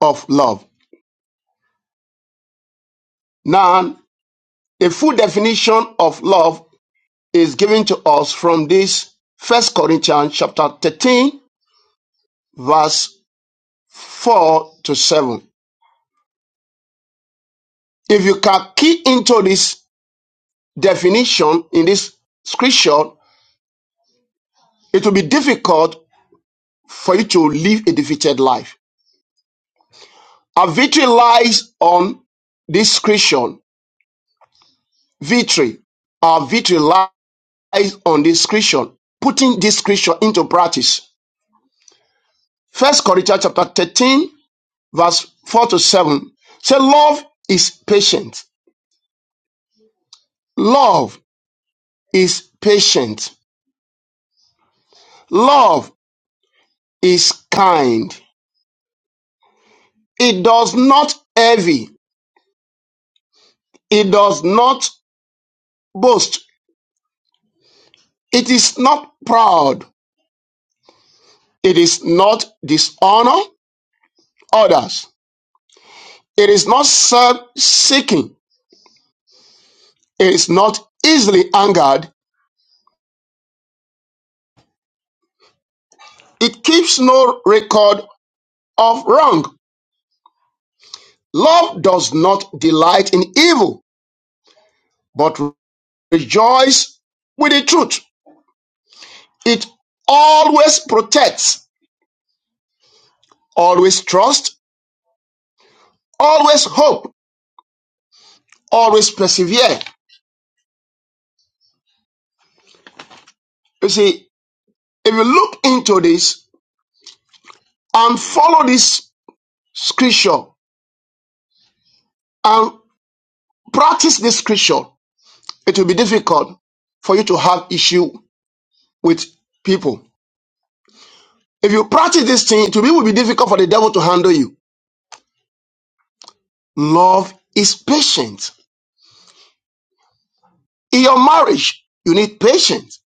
[SPEAKER 8] of love. Now, a full definition of love is given to us from this First Corinthians chapter 13, verse 4 to 7. If you can key into this definition in this scripture, it will be difficult for you to live a defeated life. Our victory lies on this scripture. Victory. Our victory lies on this scripture. Putting this scripture into practice. First Corinthians chapter 13, verse 4 to 7. Say, love is patient. Love is patient. Love is kind. It does not envy. It does not boast. It is not proud. It is not dishonor others. It is not self seeking. It is not easily angered. It keeps no record of wrong. Love does not delight in evil, but rejoices with the truth. It always protects, always trusts, always hope, always persevere. You see, if you look into this, and follow this scripture and practice this scripture, it will be difficult for you to have issue with people. If you practice this thing, it will be difficult for the devil to handle you. Love is patient. In your marriage, you need patience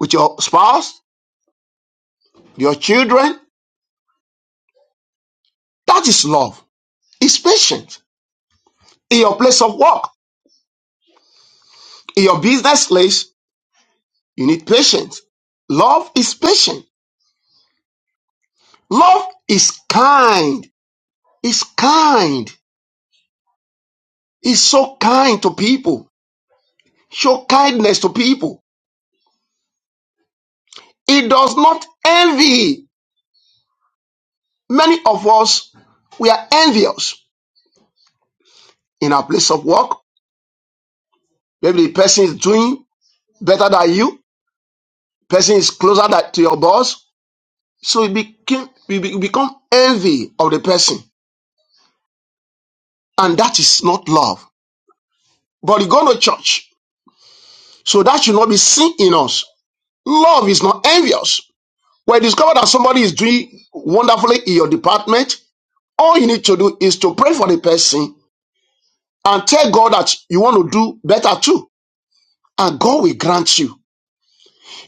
[SPEAKER 8] with your spouse, your children. That is love. It's patient. In your place of work, in your business place, you need patience. Love is patient. Love is kind. It's kind. He's so kind to people, show kindness to people. He does not envy. Many of us, we are envious in our place of work. Maybe the person is doing better than you, person is closer than, to your boss. So you, became, you become envy of the person. And that is not love. But you go to church. So that should not be seen in us. Love is not envious. When you discover that somebody is doing wonderfully in your department, All you need to do is to pray for the person and tell God that you want to do better too, and God will grant you.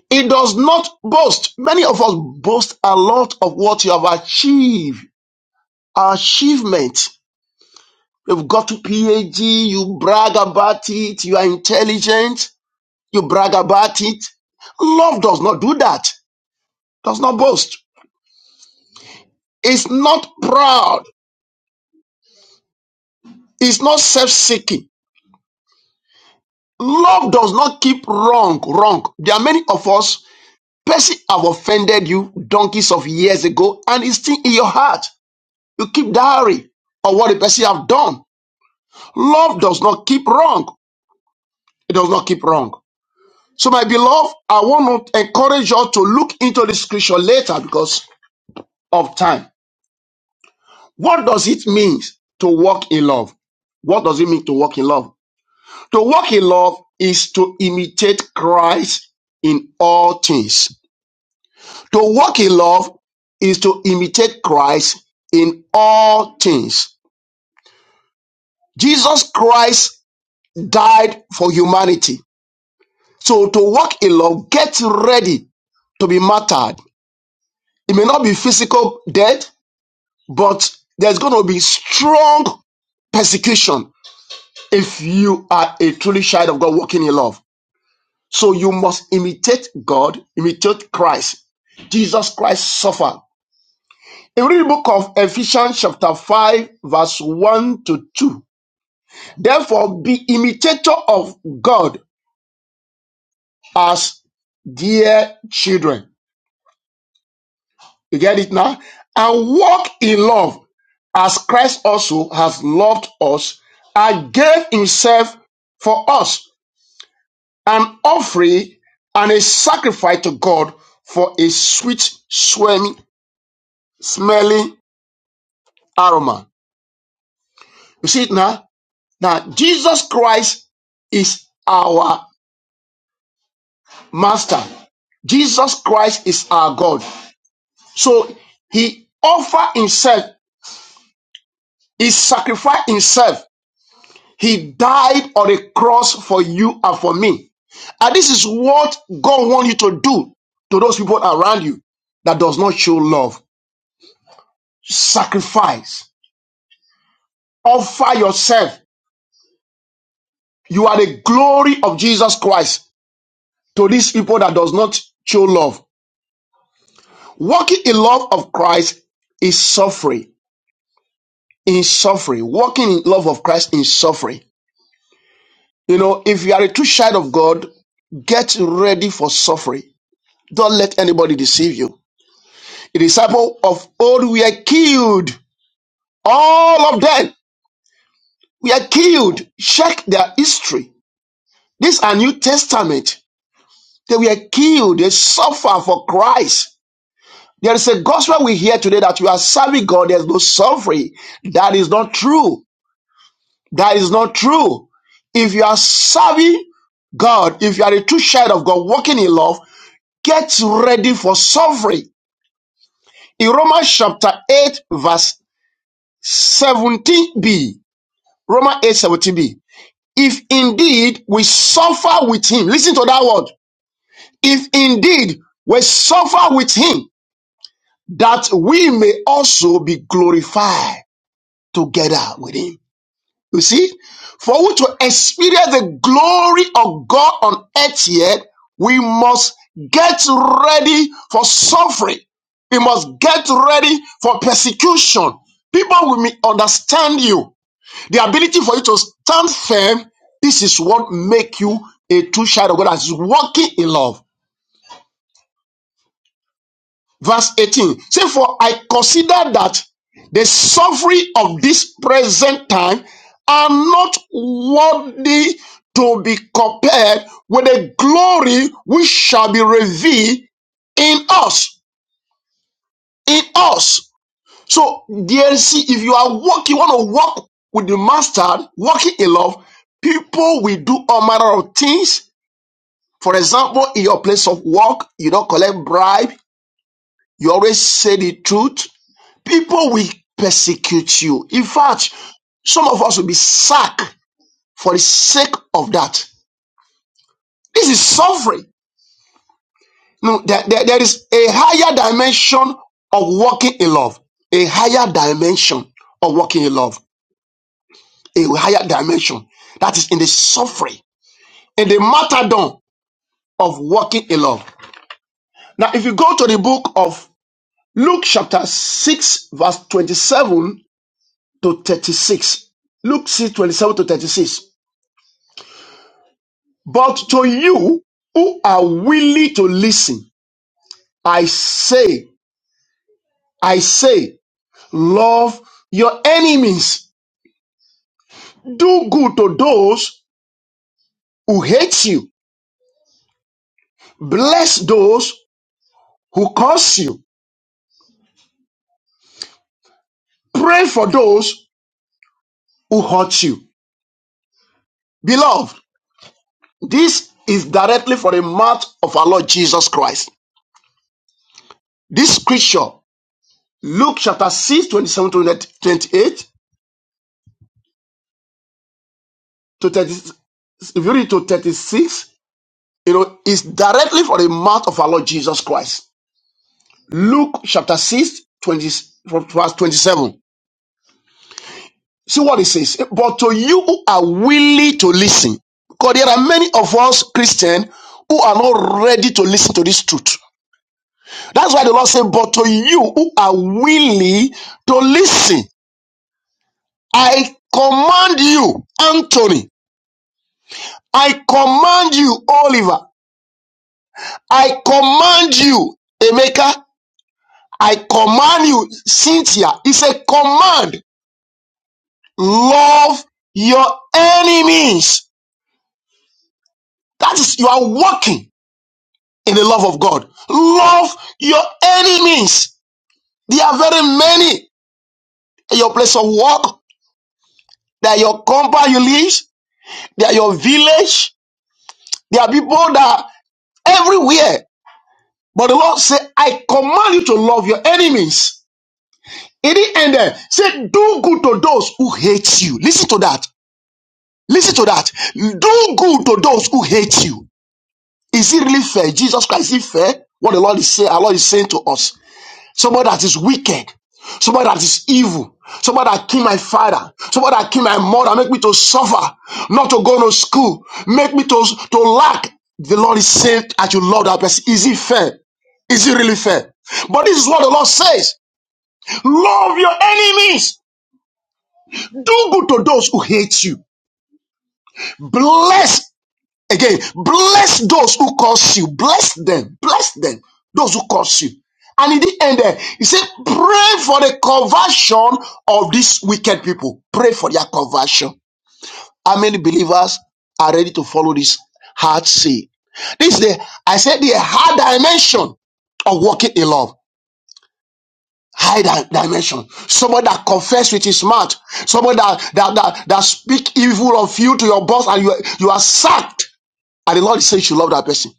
[SPEAKER 8] It does not boast. Many of us boast a lot of what you have achieved, achievement. You've got to PhD, you brag about it, you are intelligent, you brag about it. Love does not do that, does not boast. It's not proud, it's not self seeking. Love does not keep wrong, wrong. There are many of us Person have offended you donkeys of years ago and it's still in your heart. You keep diary of what the person have done. Love does not keep wrong. It does not keep wrong. So my beloved, I want to encourage you to look into the scripture later because of time. What does it mean to walk in love? What does it mean to walk in love? To walk in love is to imitate Christ in all things. To walk in love is to imitate Christ in all things. Jesus Christ died for humanity. So to walk in love, get ready to be martyred. It may not be physical death, but there's going to be strong persecution if you are a truly child of God walking in love. So you must imitate God, imitate Christ. Jesus Christ suffered. If you read the book of Ephesians chapter 5 verse 1 to 2, therefore be imitator of God as dear children. You get it now? And walk in love as Christ also has loved us and gave himself for us an offering and a sacrifice to God for a sweet smelling smelling aroma. You see it now? Now, Jesus Christ is our master. Jesus Christ is our God. So he offered himself, he sacrificed himself. He died on a cross for you and for me. And this is what God wants you to do to those people around you that does not show love. Sacrifice. Offer yourself. You are the glory of Jesus Christ to these people that does not show love. Walking in love of Christ is suffering, in suffering. Walking in love of Christ is suffering. You know, if you are a true child of God, get ready for suffering. Don't let anybody deceive you. The disciple of old were killed. All of them were killed. Check their history. These are New Testament. They were killed. They suffer for Christ. There is a gospel we hear today that you are serving God. There's no suffering. That is not true. That is not true. If you are serving God, if you are a true child of God walking in love, get ready for suffering. In Romans chapter 8, verse 17b, Romans eight seventeen, b if indeed we suffer with him, listen to that word. If indeed we suffer with him, that we may also be glorified together with him. You see, for you to experience the glory of God on earth yet, we must get ready for suffering. We must get ready for persecution. People will misunderstand you. The ability for you to stand firm, this is what make you a true child of God that is walking in love. verse 18 say for i consider that the suffering of this present time are not worthy to be compared with the glory which shall be revealed in us in us so dear see if you are walking you want to walk with the master walking in love people will do all manner of things for example in your place of work you don't collect bribe you always say the truth People will persecute you. In fact, some of us will be sacked for the sake of that. This is suffering. No, there, there there is a higher dimension of walking in love, a higher dimension of walking in love, a higher dimension that is in the suffering, in the martyrdom of walking in love. Now, if you go to the book of Luke, chapter 6, verse 27 to 36, Luke 6 27 to 36. But to you who are willing to listen, I say, I say, love your enemies. Do good to those who hate you. Bless those who curse you. Pray for those who hurt you. Beloved, this is directly for the mouth of our Lord Jesus Christ. This scripture, Luke chapter 6, 27 to 28 to 30, if you read to 36, You know, it's directly from the mouth of our Lord Jesus Christ. Luke chapter 6, 20 from verse 27. See what it says. But to you who are willing to listen, because there are many of us Christians who are not ready to listen to this truth. That's why the Lord said, But to you who are willing to listen, I command you, Anthony, I command you, Oliver, I command you, Emeka, I command you, Cynthia, it's a command. Love your enemies. That is, you are walking in the love of God. Love your enemies. There are very many at your place of work. They are your compound you live. They are your village. There are people that are everywhere. But the Lord said, I command you to love your enemies. It didn't end there. Say, do good to those who hate you. Listen to that. Listen to that. Do good to those who hate you. Is it really fair? Jesus Christ, is it fair? What the Lord is saying, our Lord is saying to us. Somebody that is wicked, somebody that is evil, somebody that killed my father, somebody that killed my mother, make me to suffer, not to go to school, make me to, to lack. The Lord is saying as you love that person. Is it fair? Is it really fair? But this is what the Lord says. Love your enemies. Do good to those who hate you. Bless Again, bless those who curse you. Bless them. Bless them. Those who curse you. And in the end, eh, he said, pray for the conversion of these wicked people. Pray for their conversion. How many believers are ready to follow this hard say? This day, I said, the hard dimension of walking in love. High di- dimension. Someone that confess with his mouth. Someone that, that, that, that speak evil of you to your boss and you, you are sacked. And the Lord says you should love that person.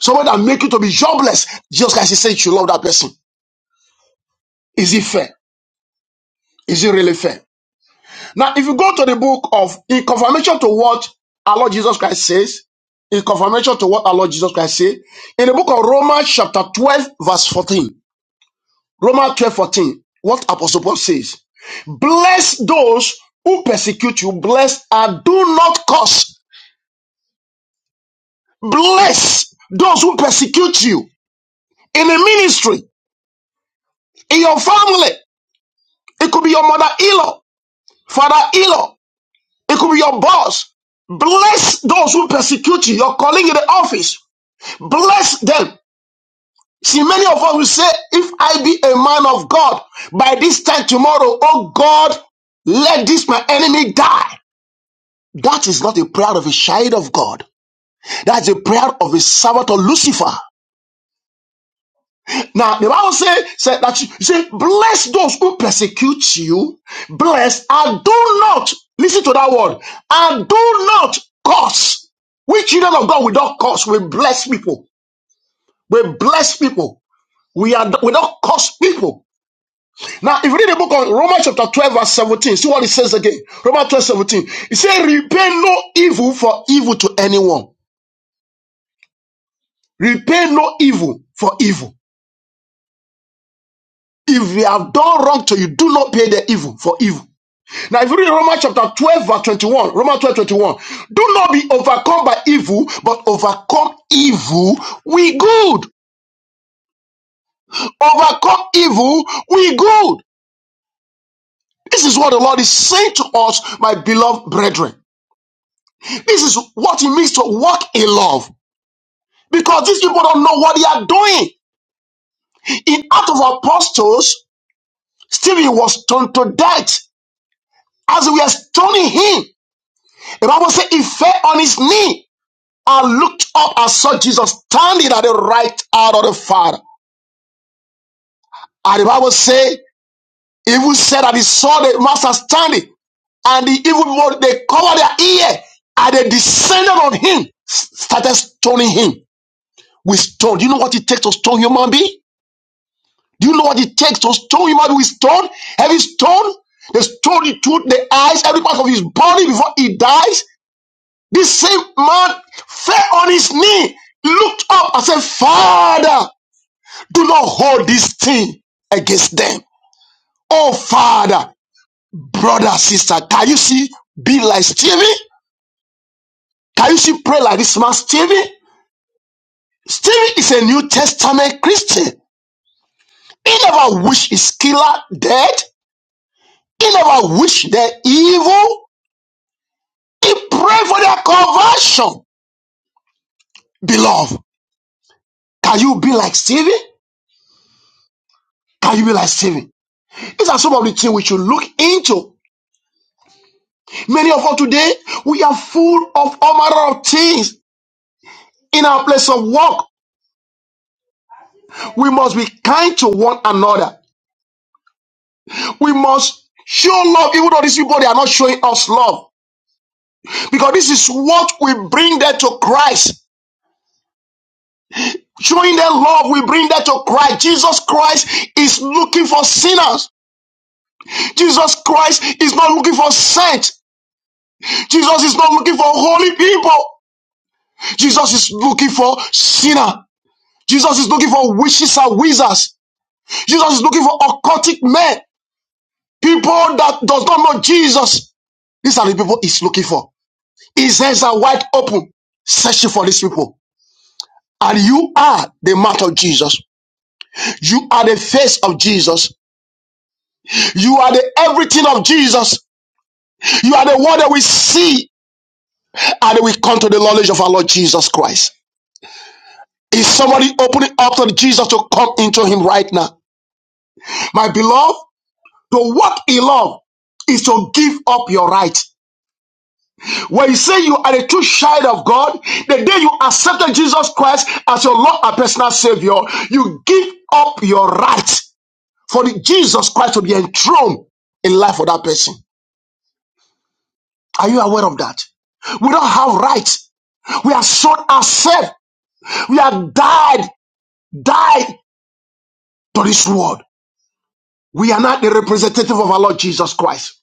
[SPEAKER 8] Someone that make you to be jobless just like she said you love that person. Is it fair? Is it really fair? Now, if you go to the book of in confirmation to what our Lord Jesus Christ says, in confirmation to what our Lord Jesus Christ said, in the book of Romans chapter 12, verse 14, Romans 12 14, what Apostle Paul says, bless those who persecute you, bless and do not curse. Bless those who persecute you in the ministry, in your family. It could be your mother-in-law. Father Elo, it could be your boss. Bless those who persecute you, your colleague in the office. Bless them. See, many of us will say, if I be a man of God, by this time tomorrow, oh God, let this my enemy die. That is not a prayer of a child of God. That's a prayer of a servant of Lucifer. Now the Bible says said that you say, bless those who persecute you, bless and do not listen to that word and do not curse. We children of God, we don't curse, we bless people. We bless people. We are we don't curse people. Now, if you read the book of Romans chapter 12, verse 17, see what it says again. Romans 12 17. It says, repay no evil for evil to anyone. Repay no evil for evil. If they have done wrong to you, do not pay the evil for evil. Now, if you read Romans chapter 12, verse 21, Romans 12, 21: do not be overcome by evil, but overcome evil with good. Overcome evil with good. This is what the Lord is saying to us, my beloved brethren. This is what it means to walk in love. Because these people don't know what they are doing. In Acts of Apostles, Stephen was stoned to death. As we are stoning him, the Bible says he fell on his knee I looked up and saw Jesus standing at the right hand of the Father. And the Bible say, even said that he saw the master standing, and the evil people they covered their ear, and they descended on him, started stoning him with stone. Do you know what it takes to stone human being? Do you know what it takes to stone human being with stone? Heavy stone. They stone the tooth, the eyes, every part of his body before he dies. This same man fell on his knee, looked up and said, Father. Do not hold this thing against them. Oh, Father, brother, sister, can you see? Be like Stevie? Can you see? Pray like this man, Stevie? Stevie is a New Testament Christian. He never wished his killer dead. He never wished their evil. He prayed for their conversion. Beloved, can you be like Stevie? Can you be like Stevie? These are some of the things we should look into. Many of us today, we are full of all manner of things in our place of work. We must be kind to one another. We must show love, even though these people they are not showing us love. Because this is what we bring them to Christ. Showing them love, we bring them to Christ. Jesus Christ is looking for sinners. Jesus Christ is not looking for saints. Jesus is not looking for holy people. Jesus is looking for sinner. Jesus is looking for witches and wizards. Jesus is looking for occultic men, people that does not know Jesus. These are the people he's looking for. His hands are wide open, searching for these people. And you are the mouth of Jesus. You are the face of Jesus. You are the everything of Jesus. You are the one that we see and we come to the knowledge of our Lord Jesus Christ. Is somebody opening up to Jesus to come into him right now? My beloved, to what he loved is to give up your right. When you say you are a true child of God, the day you accepted Jesus Christ as your Lord and personal Savior, you give up your right for the Jesus Christ to be enthroned in life of that person. Are you aware of that? We don't have rights. We are sold ourselves. We are died, died to this world. We are not the representative of our Lord Jesus Christ.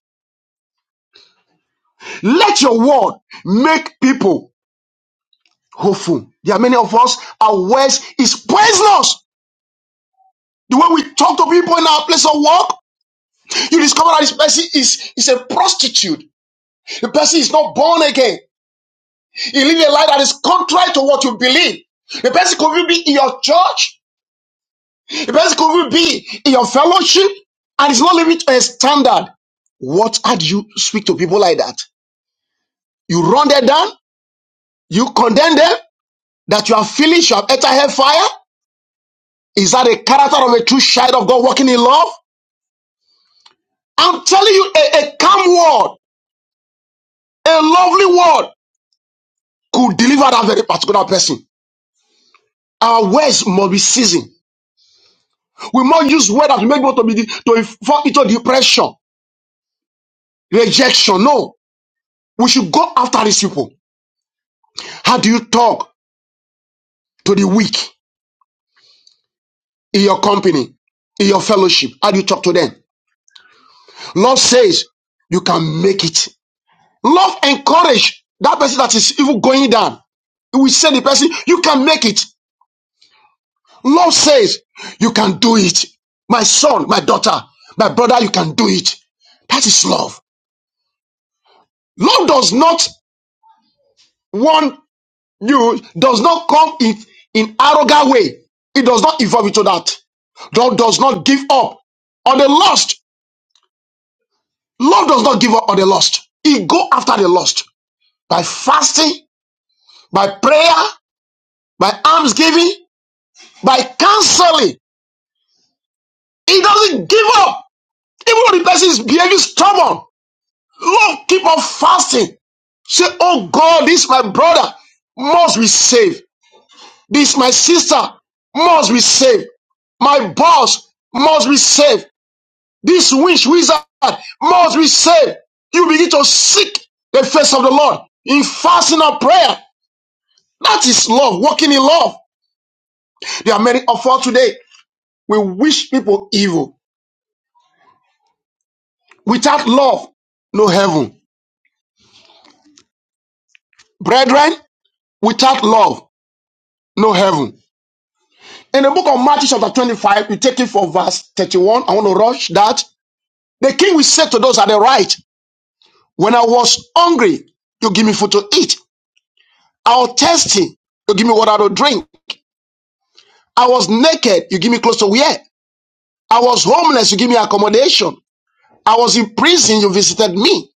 [SPEAKER 8] Let your word make people hopeful. There are many of us, our words is poisonous. The way we talk to people in our place of work, you discover that this person is, is a prostitute. The person is not born again. He lives a life that is contrary to what you believe. The person could even be in your church. The person could even be in your fellowship. And it's not living to a standard. What had you speak to people like that? You run them down, you condemn them, that you are foolish, you have entered hellfire. Is that a character of a true child of God walking in love? I'm telling you, a, a calm word, a lovely word. could deliver that very particular person. Our words must be seasoned. We must use words that will make people to be to fall into depression, rejection. No, we should go after these people. How do you talk to the weak in your company, in your fellowship? How do you talk to them? Love says you can make it. Love encourage that person that is even going down. We say the person, you can make it. Love says, You can do it. My son, my daughter, my brother, you can do it. That is love. Love does not want you, does not come in, in arrogant way. It does not evolve into that. Love does not give up on the lost. Love does not give up on the lost. It go after the lost by fasting, by prayer, by almsgiving, by counseling. It doesn't give up. Even when the person is behaving stubborn, love keep on fasting. Say, oh God, this my brother must be saved. This my sister must be saved. My boss must be saved. This witch wizard must be saved. You begin to seek the face of the Lord in fasting and prayer. That is love, walking in love. There are many of us today. We wish people evil. Without love, no heaven. Brethren, without love, no heaven. In the book of Matthew, chapter 25, we take it from verse 31. I want to rush that. The king will say to those at the right, When I was hungry, you give me food to eat. I was thirsty, you give me water to drink. I was naked, you give me clothes to wear. I was homeless, you give me accommodation. I was in prison, you visited me.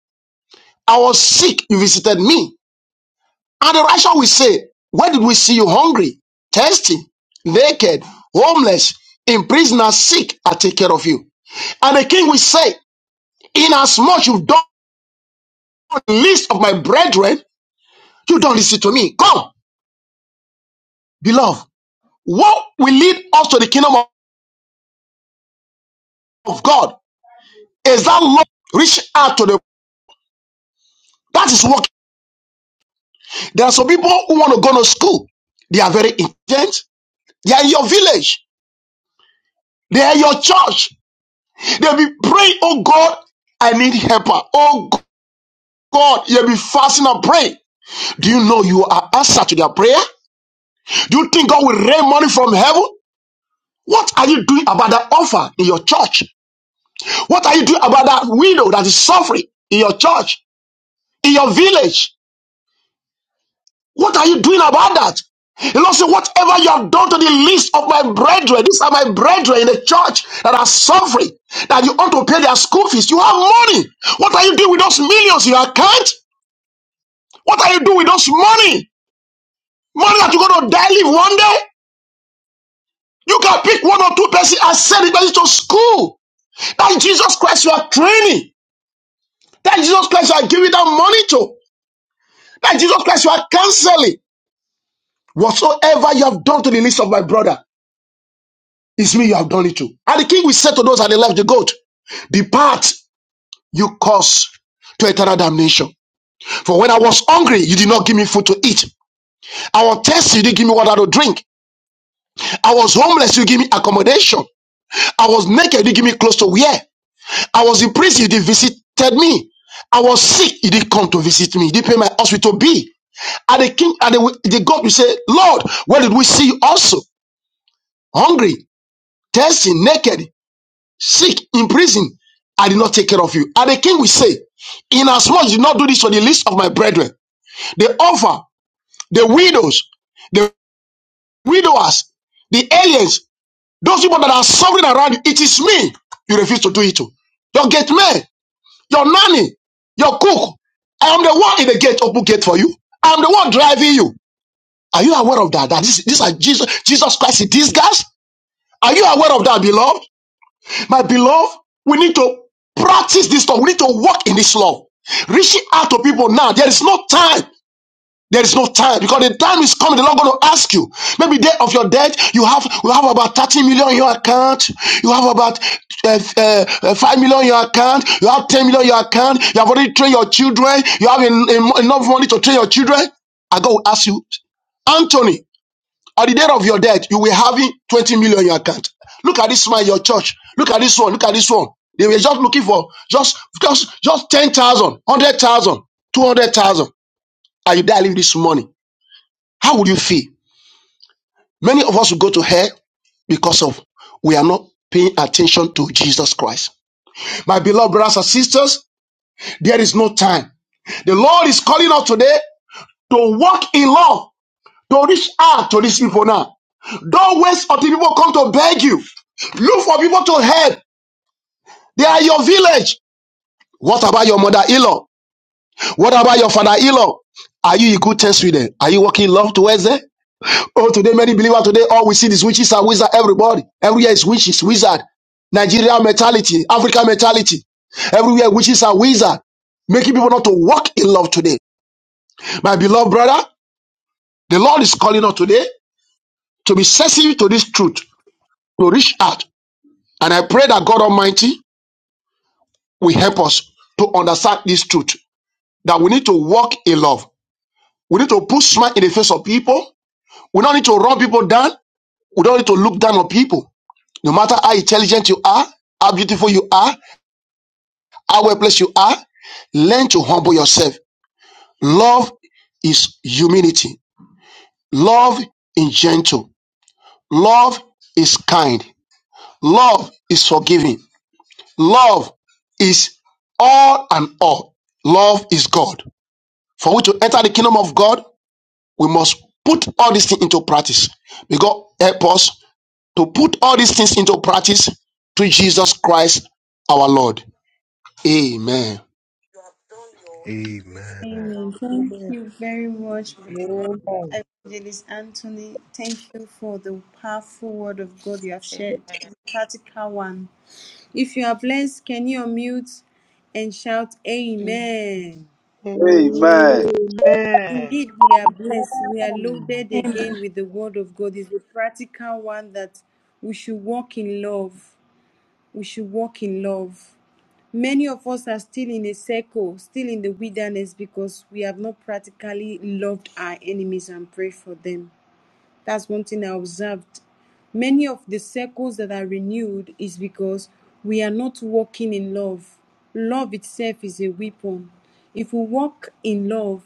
[SPEAKER 8] I was sick, you visited me. And the righteous will say, Where did we see you hungry, thirsty, naked, homeless, in prison, and sick? I take care of you. And the king will say, Inasmuch you've done the least of my brethren, you don't listen to me. Come, beloved. What will lead us to the kingdom of of God is that love reach out to the. That is what there are some people who want to go to school. They are very intelligent. They are in your village. They are in your church. They'll be praying, oh God, I need helper. Oh God, you'll be fasting and praying. Do you know you are answer to their prayer? Do you think God will rain money from heaven? What are you doing about that offer in your church? What are you doing about that widow that is suffering in your church, in your village? What are you doing about that? The Lord said, Whatever you have done to the least of my brethren, these are my brethren in the church that are suffering, that you ought to pay their school fees. You have money. What are you doing with those millions in your account? What are you doing with those money? Money that you're going to die live one day? You can pick one or two persons and send the person to school. That Jesus Christ you are training. That Jesus Christ you are giving that money to. That Jesus Christ you are counseling. Whatsoever you have done to the least of my brother, is me you have done it to. And the king will say to those that the left, the goat, Depart, you cause to eternal damnation. For when I was hungry, you did not give me food to eat. I was thirsty, you didn't give me water to drink. I was homeless, you give me accommodation. I was naked, you didn't give me clothes to wear. I was in prison, you did not visit me. I was sick, you didn't come to visit me. You didn't pay my hospital bill. And the king and the, the God will say, Lord, where did we see you also? Hungry, thirsty, naked. sick, in prison, I did not take care of you. And the king will say, Inasmuch you did not do this for the least of my brethren, the orphan, the widows, the widowers, the aliens, those people that are suffering around you, it is me you refuse to do it to. Your gate man, your nanny, your cook. I am the one in the gate, open gate for you. I am the one driving you. Are you aware of that? That this, these are Jesus, Jesus Christ, these guys? Are you aware of that, beloved? My beloved, we need to practice this love. We need to walk in this love. Reaching out to people now. There is no time. There is no time because the time is coming. They're not going to ask you. Maybe day of your death, you have you have about 30 million in your account. You have about uh, uh, uh, 5 million in your account. You have 10 million in your account. You have already trained your children. You have en- en- enough money to train your children. And God will ask you, Anthony, at the day of your death, you will have 20 million in your account. Look at this man, your church. Look at this one. Look at this one. They were just looking for just just just 10,000, 100,000, And you die leave this money. How would you feel? Many of us will go to hell because of we are not paying attention to Jesus Christ. My beloved brothers and sisters, there is no time. The Lord is calling us today to walk in love to reach out to these people now. Don't wait until people come to beg you. Look for people to help. They are your village. What about your mother-in-law? What about your father-in-law? Are you a good test with them? Are you working love towards them? Oh, today many believers today, all we see is witches and wizard. Everybody, everywhere is witches, wizard. Nigeria mentality, Africa mentality. Everywhere witches and wizard, making people not to walk in love today. My beloved brother, the Lord is calling us today to be sensitive to this truth, to reach out And I pray that God Almighty will help us to understand this truth that we need to walk in love. We need to put smile in the face of people. We don't need to run people down. We don't need to look down on people. No matter how intelligent you are, how beautiful you are, how well placed you are, learn to humble yourself. Love is humility. Love is gentle. Love is kind. Love is forgiving. Love is all and all. Love is God. For we to enter the kingdom of God, we must put all these things into practice. May God help us to put all these things into practice through Jesus Christ our Lord. Amen.
[SPEAKER 9] Amen.
[SPEAKER 1] Amen. Thank
[SPEAKER 10] Amen.
[SPEAKER 1] you very much,
[SPEAKER 3] Amen.
[SPEAKER 1] Evangelist Anthony. Thank you for the powerful word of God you have
[SPEAKER 11] and
[SPEAKER 1] shared, the practical one. If you are blessed, can you unmute and shout
[SPEAKER 10] Amen.
[SPEAKER 1] Amen?
[SPEAKER 4] Amen.
[SPEAKER 7] Amen.
[SPEAKER 1] Indeed, we are blessed. We are
[SPEAKER 2] family.
[SPEAKER 1] loaded
[SPEAKER 12] Amen.
[SPEAKER 1] again
[SPEAKER 9] Amen.
[SPEAKER 1] with the word of God. It's a practical one that we should walk in love. We should walk in love. Many of us are still in a circle, still in the wilderness because we have not practically loved our enemies and prayed for them. That's one thing I observed. Many of the circles that are renewed is because we are not walking in love. Love itself is a weapon. If we walk in love,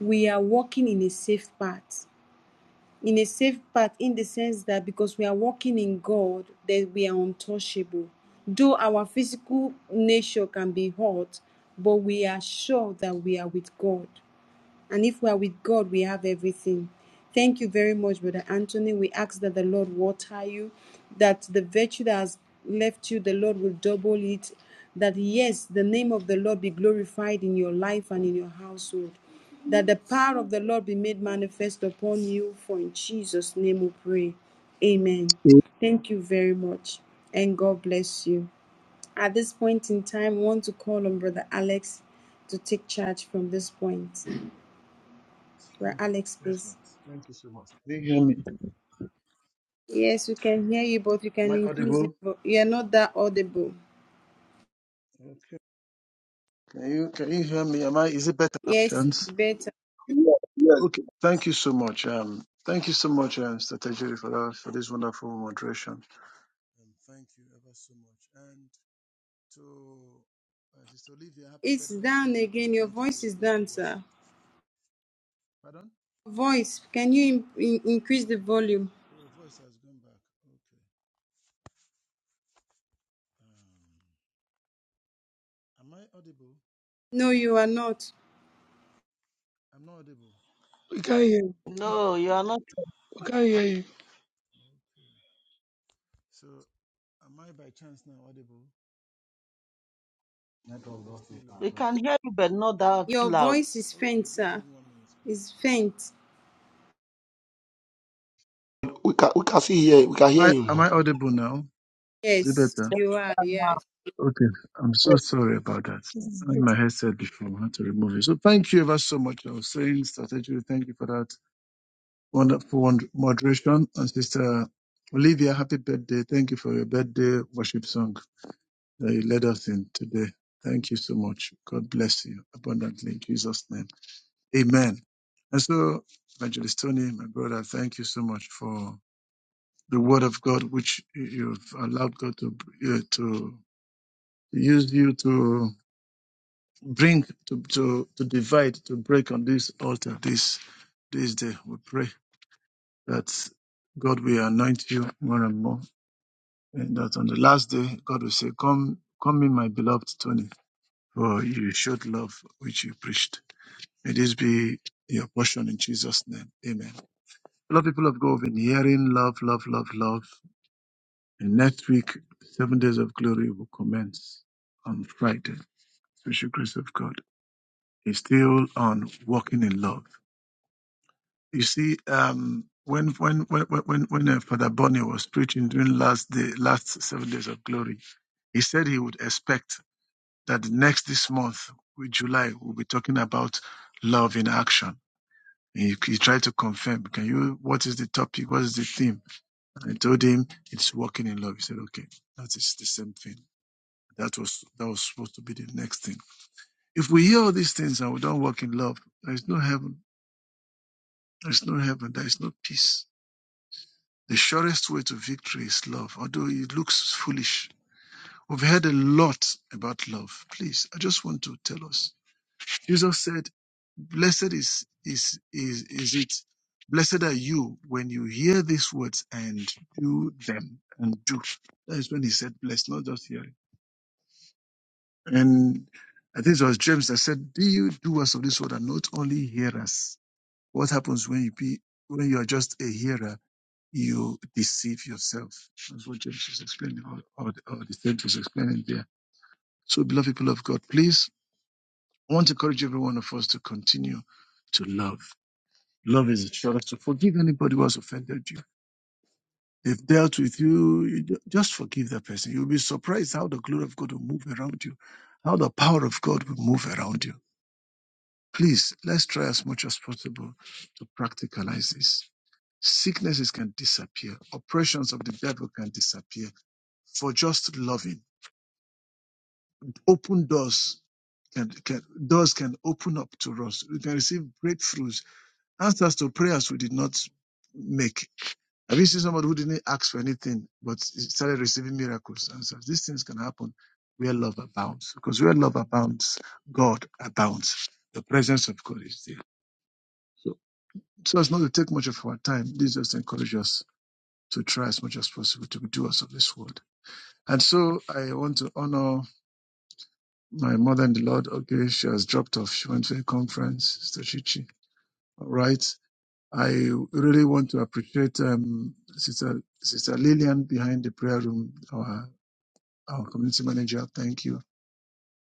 [SPEAKER 1] we are walking in a safe path. In a safe path, in the sense that because we are walking in God, that we are untouchable. Though our physical nature can be hurt, but we are sure that we are with God. And if we are with God, we have everything. Thank you very much, Brother Anthony. We ask that the Lord water you, that the virtue that has left you, the Lord will double it. That yes, the name of the Lord be glorified in your life and in your household. That the power of the Lord be made manifest upon you. For in Jesus' name we pray. Amen. Thank you very much. And God bless you. At this point in time, we want to call on Brother Alex to take charge from this point. Right,
[SPEAKER 3] Thank you.
[SPEAKER 1] Alex,
[SPEAKER 3] Yes, ma'am.
[SPEAKER 1] please.
[SPEAKER 3] Thank you so much. Do you hear me?
[SPEAKER 1] Yes, we can hear you, but you
[SPEAKER 3] Am
[SPEAKER 1] can
[SPEAKER 3] I
[SPEAKER 1] increase your
[SPEAKER 3] audible?
[SPEAKER 1] vo- You're not that audible.
[SPEAKER 3] Okay. Can you can you hear me? Am I is it better now,
[SPEAKER 1] Yes,
[SPEAKER 3] Chance?
[SPEAKER 1] better.
[SPEAKER 7] Yes,
[SPEAKER 3] Okay. Thank
[SPEAKER 7] yes.
[SPEAKER 3] you so much. Um thank you so much, um Strategy for that for this wonderful moderation. Um, thank you ever so much. And to uh, Sister Olivia, happy
[SPEAKER 1] It's
[SPEAKER 3] birthday
[SPEAKER 1] down
[SPEAKER 3] once again.
[SPEAKER 1] again. Your
[SPEAKER 3] Thank you for
[SPEAKER 1] voice
[SPEAKER 3] your
[SPEAKER 1] is
[SPEAKER 3] birthday
[SPEAKER 1] down,
[SPEAKER 3] worship.
[SPEAKER 1] sir.
[SPEAKER 3] Pardon?
[SPEAKER 1] Voice, can you in- in- increase the volume?
[SPEAKER 3] Oh the voice has gone back. Okay. Um am I audible?
[SPEAKER 1] No, you are not.
[SPEAKER 3] I'm not audible.
[SPEAKER 10] We can't hear you.
[SPEAKER 3] No.
[SPEAKER 2] No, you are not.
[SPEAKER 10] We can't hear you.
[SPEAKER 3] Okay. So am I by chance now audible or still low?
[SPEAKER 2] We can hear you, but not that
[SPEAKER 1] Your
[SPEAKER 2] loud.
[SPEAKER 1] voice is faint,
[SPEAKER 3] Okay, just
[SPEAKER 1] sir.
[SPEAKER 3] give me one minute, please.
[SPEAKER 1] It's faint.
[SPEAKER 8] We can, we can see here, we can hear
[SPEAKER 3] I,
[SPEAKER 8] him
[SPEAKER 3] am
[SPEAKER 8] now.
[SPEAKER 3] I audible now? Is it
[SPEAKER 1] Yes,
[SPEAKER 3] better?
[SPEAKER 1] you are, yes.
[SPEAKER 3] Okay. I'm
[SPEAKER 4] Amen.
[SPEAKER 3] so sorry about that. I
[SPEAKER 10] This is
[SPEAKER 3] had
[SPEAKER 10] Betty
[SPEAKER 3] My headset before I had to remove it. So thank you ever so much. I was saying strategically, thank you for that wonderful wonder- moderation. And Sister Olivia, happy birthday. Thank you for your birthday worship song that you led us in today. Thank you so much. God bless you abundantly in Jesus' name. Amen. And so, Evangelist Tony, my brother, thank you so much for the word of God, which you've allowed God to, uh, to used you to bring to, to to divide to break on this altar this this day we pray that god will anoint you more and more and that on the last day god will say come come in my beloved tony for you showed love which you preached may this be your portion in jesus name amen a lot of people of god have been hearing love love love love and next week seven days of glory will commence on friday special grace of god He's still on walking in love. You see, um, when when when when when uh, Father Bonnie was preaching during last day, last seven days of glory, he said he would expect that the next this month, with July, we'll be talking about love in action. He, he tried to confirm, can you? What is the topic? What is the theme? And I told him it's walking in love. He said, okay, that is the same thing. That was that was supposed to be the next thing. If we hear all these things and we don't walk in love, there is no heaven There's no heaven. There is no peace. The surest way to victory is love, although it looks foolish. We've heard a lot about love. Please, I just want to tell us. Jesus said, Blessed is, is, is, is it. Blessed are you when you hear these words and do them and do. That is when he said, blessed, not just hearing. And I think it was James that said, be you doers of this word and not only hearers. What happens when you be, when you are just a hearer? you deceive yourself. That's what James is explaining, or, or, or the saint is explaining there. So, beloved people of God, please, I want to encourage every one of us to continue to love. Love is a choice to forgive anybody who has offended you. They've dealt with you, you ju- just forgive that person. You'll be surprised how the glory of God will move around you, how the power of God will move around you. Please, let's try as much as possible to practicalize this. Sicknesses can disappear. Oppressions of the devil can disappear for just loving. Open doors can, can doors can open up to us. We can receive breakthroughs, answers to prayers we did not make. Have you seen somebody who didn't ask for anything but started receiving miracles? Answers. These things can happen where love abounds. Because where love abounds, God abounds. The presence of God is there. So, so as not to take much of our time, this just encourages us to try as much as possible to be doers of this word. And so I want to honor My mother in the Lord, okay, she has dropped off. She went to a conference, Sister Chichi. All right. I really want to appreciate um, Sister, Sister Lillian behind the prayer room, our, our community manager. Thank you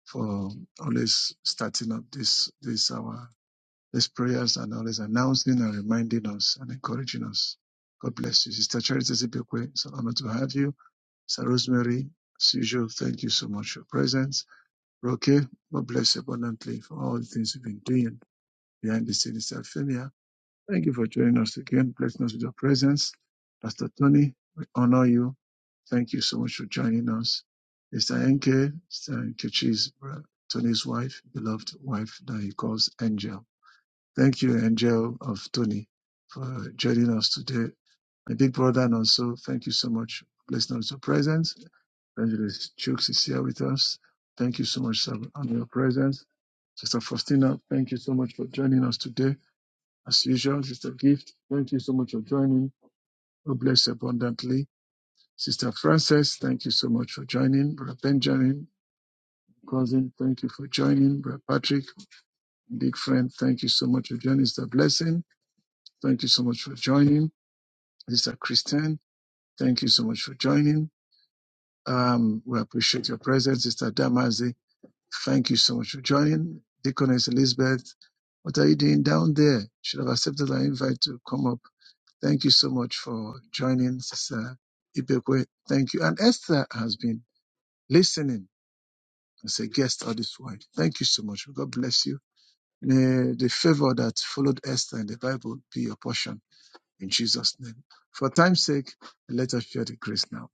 [SPEAKER 3] for always starting up this, this, our, these prayers and always announcing and reminding us and encouraging us. God bless you. Sister Charity Zibekwe, it's an honor to have you. Sister Rosemary, as usual, thank you so much for your presence. Okay. God bless you abundantly for all the things you've been doing behind the scenes at Femia. Thank you for joining us again. Blessing us with your presence. Pastor Tony, we honor you. Thank you so much for joining us. Mr. Enke, Mr. Nkechi's brother, Tony's wife, beloved wife that he calls Angel. Thank you, Angel of Tony, for joining us today. My big brother and also, thank you so much. Blessing us with your presence. Evangelist Chooks is here with us. Thank you so much, sir, on your presence. Sister Faustina, thank you so much for joining us today. As usual, Sister Gift, thank you so much for joining. God bless you abundantly. Sister Frances, thank you so much for joining. Brother Benjamin, cousin, thank you for joining. Brother Patrick, big friend, thank you so much for joining. Sister Blessing, thank you so much for joining. Sister Christian, thank you so much for joining. Um, we appreciate your presence. Sister Damazi, Thank you so much for joining. Deaconess Elizabeth, what are you doing down there? Should have accepted our invite to come up. Thank you so much for joining, Sister Ibekwe. Thank you. And Esther has been listening as a guest all this while. Thank you so much. God bless you. May the favor that followed Esther in the Bible be your portion in Jesus' name. For time's sake, let us share the grace now.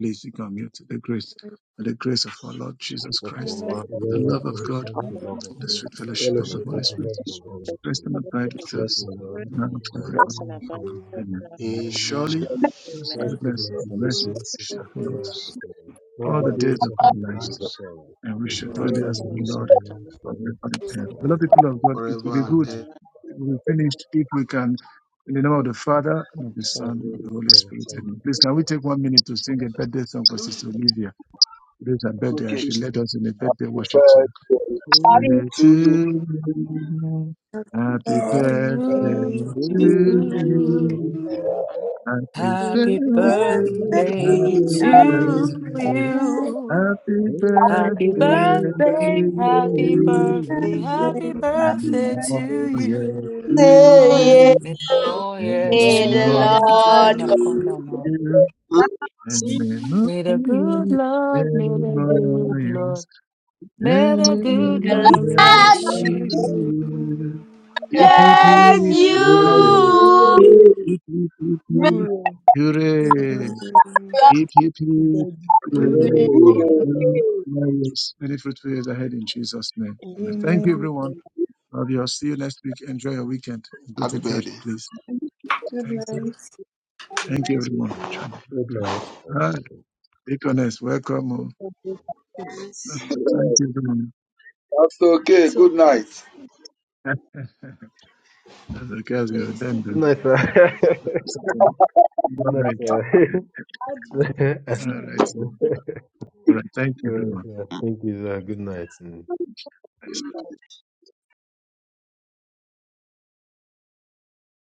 [SPEAKER 3] Please, you can mute the grace. May the grace of our Lord Jesus
[SPEAKER 9] So for
[SPEAKER 3] Christ,
[SPEAKER 11] then
[SPEAKER 9] Lord
[SPEAKER 13] the
[SPEAKER 11] what
[SPEAKER 3] the
[SPEAKER 13] love
[SPEAKER 9] Jesus
[SPEAKER 13] of
[SPEAKER 3] love
[SPEAKER 13] God
[SPEAKER 3] of
[SPEAKER 13] the
[SPEAKER 9] Christ,
[SPEAKER 3] God
[SPEAKER 11] is upon
[SPEAKER 13] Father,
[SPEAKER 9] the love
[SPEAKER 11] the
[SPEAKER 9] of
[SPEAKER 3] the
[SPEAKER 9] God,
[SPEAKER 3] sweet
[SPEAKER 13] the
[SPEAKER 3] fellowship
[SPEAKER 11] Lord,
[SPEAKER 3] of
[SPEAKER 9] and the
[SPEAKER 3] the
[SPEAKER 13] fellowship
[SPEAKER 3] Holy
[SPEAKER 13] of the
[SPEAKER 9] sweetness
[SPEAKER 3] Spirit,
[SPEAKER 13] Holy
[SPEAKER 9] of the
[SPEAKER 13] Spirit,
[SPEAKER 11] the
[SPEAKER 9] Holy
[SPEAKER 3] rest
[SPEAKER 9] Spirit,
[SPEAKER 3] and
[SPEAKER 11] authority
[SPEAKER 3] abide
[SPEAKER 11] of
[SPEAKER 3] with
[SPEAKER 11] the
[SPEAKER 13] rest
[SPEAKER 9] be
[SPEAKER 11] Holy
[SPEAKER 3] us
[SPEAKER 13] and
[SPEAKER 9] with us
[SPEAKER 11] Spirit,
[SPEAKER 13] abide
[SPEAKER 3] now
[SPEAKER 9] now
[SPEAKER 13] with
[SPEAKER 9] and
[SPEAKER 3] and
[SPEAKER 13] us
[SPEAKER 3] forever.
[SPEAKER 9] forever.
[SPEAKER 11] rest
[SPEAKER 13] now
[SPEAKER 11] and
[SPEAKER 13] and
[SPEAKER 11] abide with us
[SPEAKER 13] forevermore.
[SPEAKER 11] now
[SPEAKER 3] Amen.
[SPEAKER 11] and
[SPEAKER 13] Amen.
[SPEAKER 11] forevermore.
[SPEAKER 8] Amen.
[SPEAKER 3] Surely, His
[SPEAKER 11] Amen.
[SPEAKER 13] God's
[SPEAKER 3] goodness
[SPEAKER 13] goodness
[SPEAKER 3] and
[SPEAKER 13] and His
[SPEAKER 3] mercy
[SPEAKER 13] mercy
[SPEAKER 3] shall
[SPEAKER 13] shall
[SPEAKER 3] follow
[SPEAKER 9] Amen.
[SPEAKER 13] follow
[SPEAKER 3] us
[SPEAKER 13] us all
[SPEAKER 3] all
[SPEAKER 13] the
[SPEAKER 3] the days
[SPEAKER 13] days
[SPEAKER 3] of
[SPEAKER 13] of
[SPEAKER 9] The
[SPEAKER 3] our
[SPEAKER 13] our
[SPEAKER 9] days
[SPEAKER 3] lives,
[SPEAKER 13] lives,
[SPEAKER 9] of our life,
[SPEAKER 3] and we
[SPEAKER 13] if
[SPEAKER 3] shall
[SPEAKER 13] I
[SPEAKER 9] and
[SPEAKER 3] dwell in
[SPEAKER 9] we
[SPEAKER 13] dwell
[SPEAKER 3] the
[SPEAKER 11] Glory
[SPEAKER 13] in
[SPEAKER 9] shall
[SPEAKER 3] house
[SPEAKER 11] God,
[SPEAKER 3] of
[SPEAKER 13] the
[SPEAKER 3] the
[SPEAKER 9] dwell
[SPEAKER 13] house
[SPEAKER 9] in
[SPEAKER 13] of
[SPEAKER 3] Lord
[SPEAKER 13] the
[SPEAKER 11] goodness
[SPEAKER 9] the house
[SPEAKER 11] and
[SPEAKER 13] Lord
[SPEAKER 3] forever
[SPEAKER 11] mercy,
[SPEAKER 13] forever.
[SPEAKER 3] and
[SPEAKER 13] and
[SPEAKER 3] ever.
[SPEAKER 13] ever.
[SPEAKER 3] Beloved
[SPEAKER 9] forever and
[SPEAKER 3] people of God, it will
[SPEAKER 8] Forever
[SPEAKER 11] days of
[SPEAKER 3] be
[SPEAKER 9] ever.
[SPEAKER 11] Jesus,
[SPEAKER 8] and
[SPEAKER 3] good
[SPEAKER 11] our
[SPEAKER 13] Amen.
[SPEAKER 8] ever.
[SPEAKER 11] life,
[SPEAKER 3] if we finish if we can. In the name of the Father, and of the
[SPEAKER 13] Psalm
[SPEAKER 3] Son, and of the
[SPEAKER 13] very
[SPEAKER 3] Holy
[SPEAKER 13] prayer
[SPEAKER 3] Spirit. Amen.
[SPEAKER 13] time.
[SPEAKER 3] Please, can we take one minute to sing a birthday song
[SPEAKER 8] I
[SPEAKER 3] for
[SPEAKER 8] don't
[SPEAKER 3] Sister Olivia? It is her birthday, and
[SPEAKER 7] Okay.
[SPEAKER 3] she led us in a birthday worship song.
[SPEAKER 7] Birthday
[SPEAKER 13] To
[SPEAKER 14] Until
[SPEAKER 7] to you.
[SPEAKER 3] to you. Happy
[SPEAKER 7] Happy
[SPEAKER 3] birthday
[SPEAKER 15] to
[SPEAKER 1] Okay.
[SPEAKER 3] to
[SPEAKER 13] you,
[SPEAKER 11] we thank
[SPEAKER 9] Amen.
[SPEAKER 3] you.
[SPEAKER 15] you.
[SPEAKER 9] Oh,
[SPEAKER 11] everyone.
[SPEAKER 3] Happy
[SPEAKER 15] Happy
[SPEAKER 9] happy
[SPEAKER 3] birthday,
[SPEAKER 13] to
[SPEAKER 15] birthday
[SPEAKER 1] Birthday,
[SPEAKER 3] happy
[SPEAKER 15] to
[SPEAKER 1] happy
[SPEAKER 13] you,
[SPEAKER 3] birthday,
[SPEAKER 15] you.
[SPEAKER 3] happy
[SPEAKER 13] happy
[SPEAKER 15] Happy
[SPEAKER 3] birthday to
[SPEAKER 15] birthday,
[SPEAKER 13] birthday
[SPEAKER 15] happy
[SPEAKER 3] you.
[SPEAKER 15] birthday,
[SPEAKER 1] birthday,
[SPEAKER 15] happy
[SPEAKER 13] to
[SPEAKER 1] happy
[SPEAKER 15] birthday
[SPEAKER 3] Many more
[SPEAKER 15] to
[SPEAKER 1] birthday
[SPEAKER 15] you.
[SPEAKER 3] years
[SPEAKER 1] to
[SPEAKER 3] to
[SPEAKER 14] ye,
[SPEAKER 3] you.
[SPEAKER 15] May the Lord
[SPEAKER 14] the
[SPEAKER 15] yes to
[SPEAKER 3] Many more
[SPEAKER 15] you. Peter, go
[SPEAKER 14] Lord
[SPEAKER 3] years
[SPEAKER 15] now, calm
[SPEAKER 3] to
[SPEAKER 15] down now.
[SPEAKER 3] you.
[SPEAKER 2] That's
[SPEAKER 3] Many
[SPEAKER 2] it.
[SPEAKER 3] more
[SPEAKER 15] May the good
[SPEAKER 3] years,
[SPEAKER 15] Lord, may
[SPEAKER 3] many
[SPEAKER 15] the
[SPEAKER 3] more
[SPEAKER 15] good
[SPEAKER 3] years.
[SPEAKER 15] Lord, may the good
[SPEAKER 3] Anyone
[SPEAKER 15] Lord
[SPEAKER 13] you.
[SPEAKER 3] else to
[SPEAKER 15] bless you.
[SPEAKER 1] you.
[SPEAKER 3] you. Hip, hip,
[SPEAKER 14] bless
[SPEAKER 3] hip,
[SPEAKER 13] Ooh,
[SPEAKER 3] hooray.
[SPEAKER 14] you.
[SPEAKER 3] Hip, hip, hip, hip,
[SPEAKER 10] Uriel.
[SPEAKER 3] hooray. Hip, hip, hip,
[SPEAKER 1] Yes,
[SPEAKER 3] hooray.
[SPEAKER 7] Good
[SPEAKER 2] Oh,
[SPEAKER 13] ooh,
[SPEAKER 7] day.
[SPEAKER 3] Many
[SPEAKER 2] okay.
[SPEAKER 3] Various, many fruitful years ahead in Jesus' name. Amen. Thank you,
[SPEAKER 1] amen,
[SPEAKER 3] everyone.
[SPEAKER 2] Well,
[SPEAKER 3] Love you. I'll see you next week. Enjoy your weekend. Go
[SPEAKER 8] Happy
[SPEAKER 3] to
[SPEAKER 8] birthday.
[SPEAKER 3] church, please.
[SPEAKER 1] Good
[SPEAKER 3] Thank
[SPEAKER 2] that's
[SPEAKER 3] you.
[SPEAKER 2] it.
[SPEAKER 1] night.
[SPEAKER 2] Have a
[SPEAKER 3] Thank you,
[SPEAKER 2] nice
[SPEAKER 3] everyone, for
[SPEAKER 2] weekend.
[SPEAKER 3] joining.
[SPEAKER 13] good night.
[SPEAKER 3] Ah,
[SPEAKER 9] birthday.
[SPEAKER 3] Deaconess, welcome. oh.
[SPEAKER 2] Hope dance.
[SPEAKER 7] <laughs>
[SPEAKER 3] Thank you, everyone.
[SPEAKER 7] That's okay.
[SPEAKER 14] you.
[SPEAKER 7] Good
[SPEAKER 14] of
[SPEAKER 7] night.
[SPEAKER 14] us.
[SPEAKER 3] <laughs> That's okay as
[SPEAKER 14] let
[SPEAKER 3] you're
[SPEAKER 14] me
[SPEAKER 3] done.
[SPEAKER 14] skip
[SPEAKER 9] Good
[SPEAKER 14] me
[SPEAKER 9] night,
[SPEAKER 14] here.
[SPEAKER 9] sir.
[SPEAKER 14] See, I read.
[SPEAKER 3] though.
[SPEAKER 9] <laughs>
[SPEAKER 3] All right.
[SPEAKER 9] Good
[SPEAKER 14] How do
[SPEAKER 9] night,
[SPEAKER 3] All right.
[SPEAKER 9] sir. <laughs>
[SPEAKER 3] All right. Thank you,
[SPEAKER 9] All right,
[SPEAKER 3] Dora.
[SPEAKER 9] sir. Thank you, sir. Good night. mm.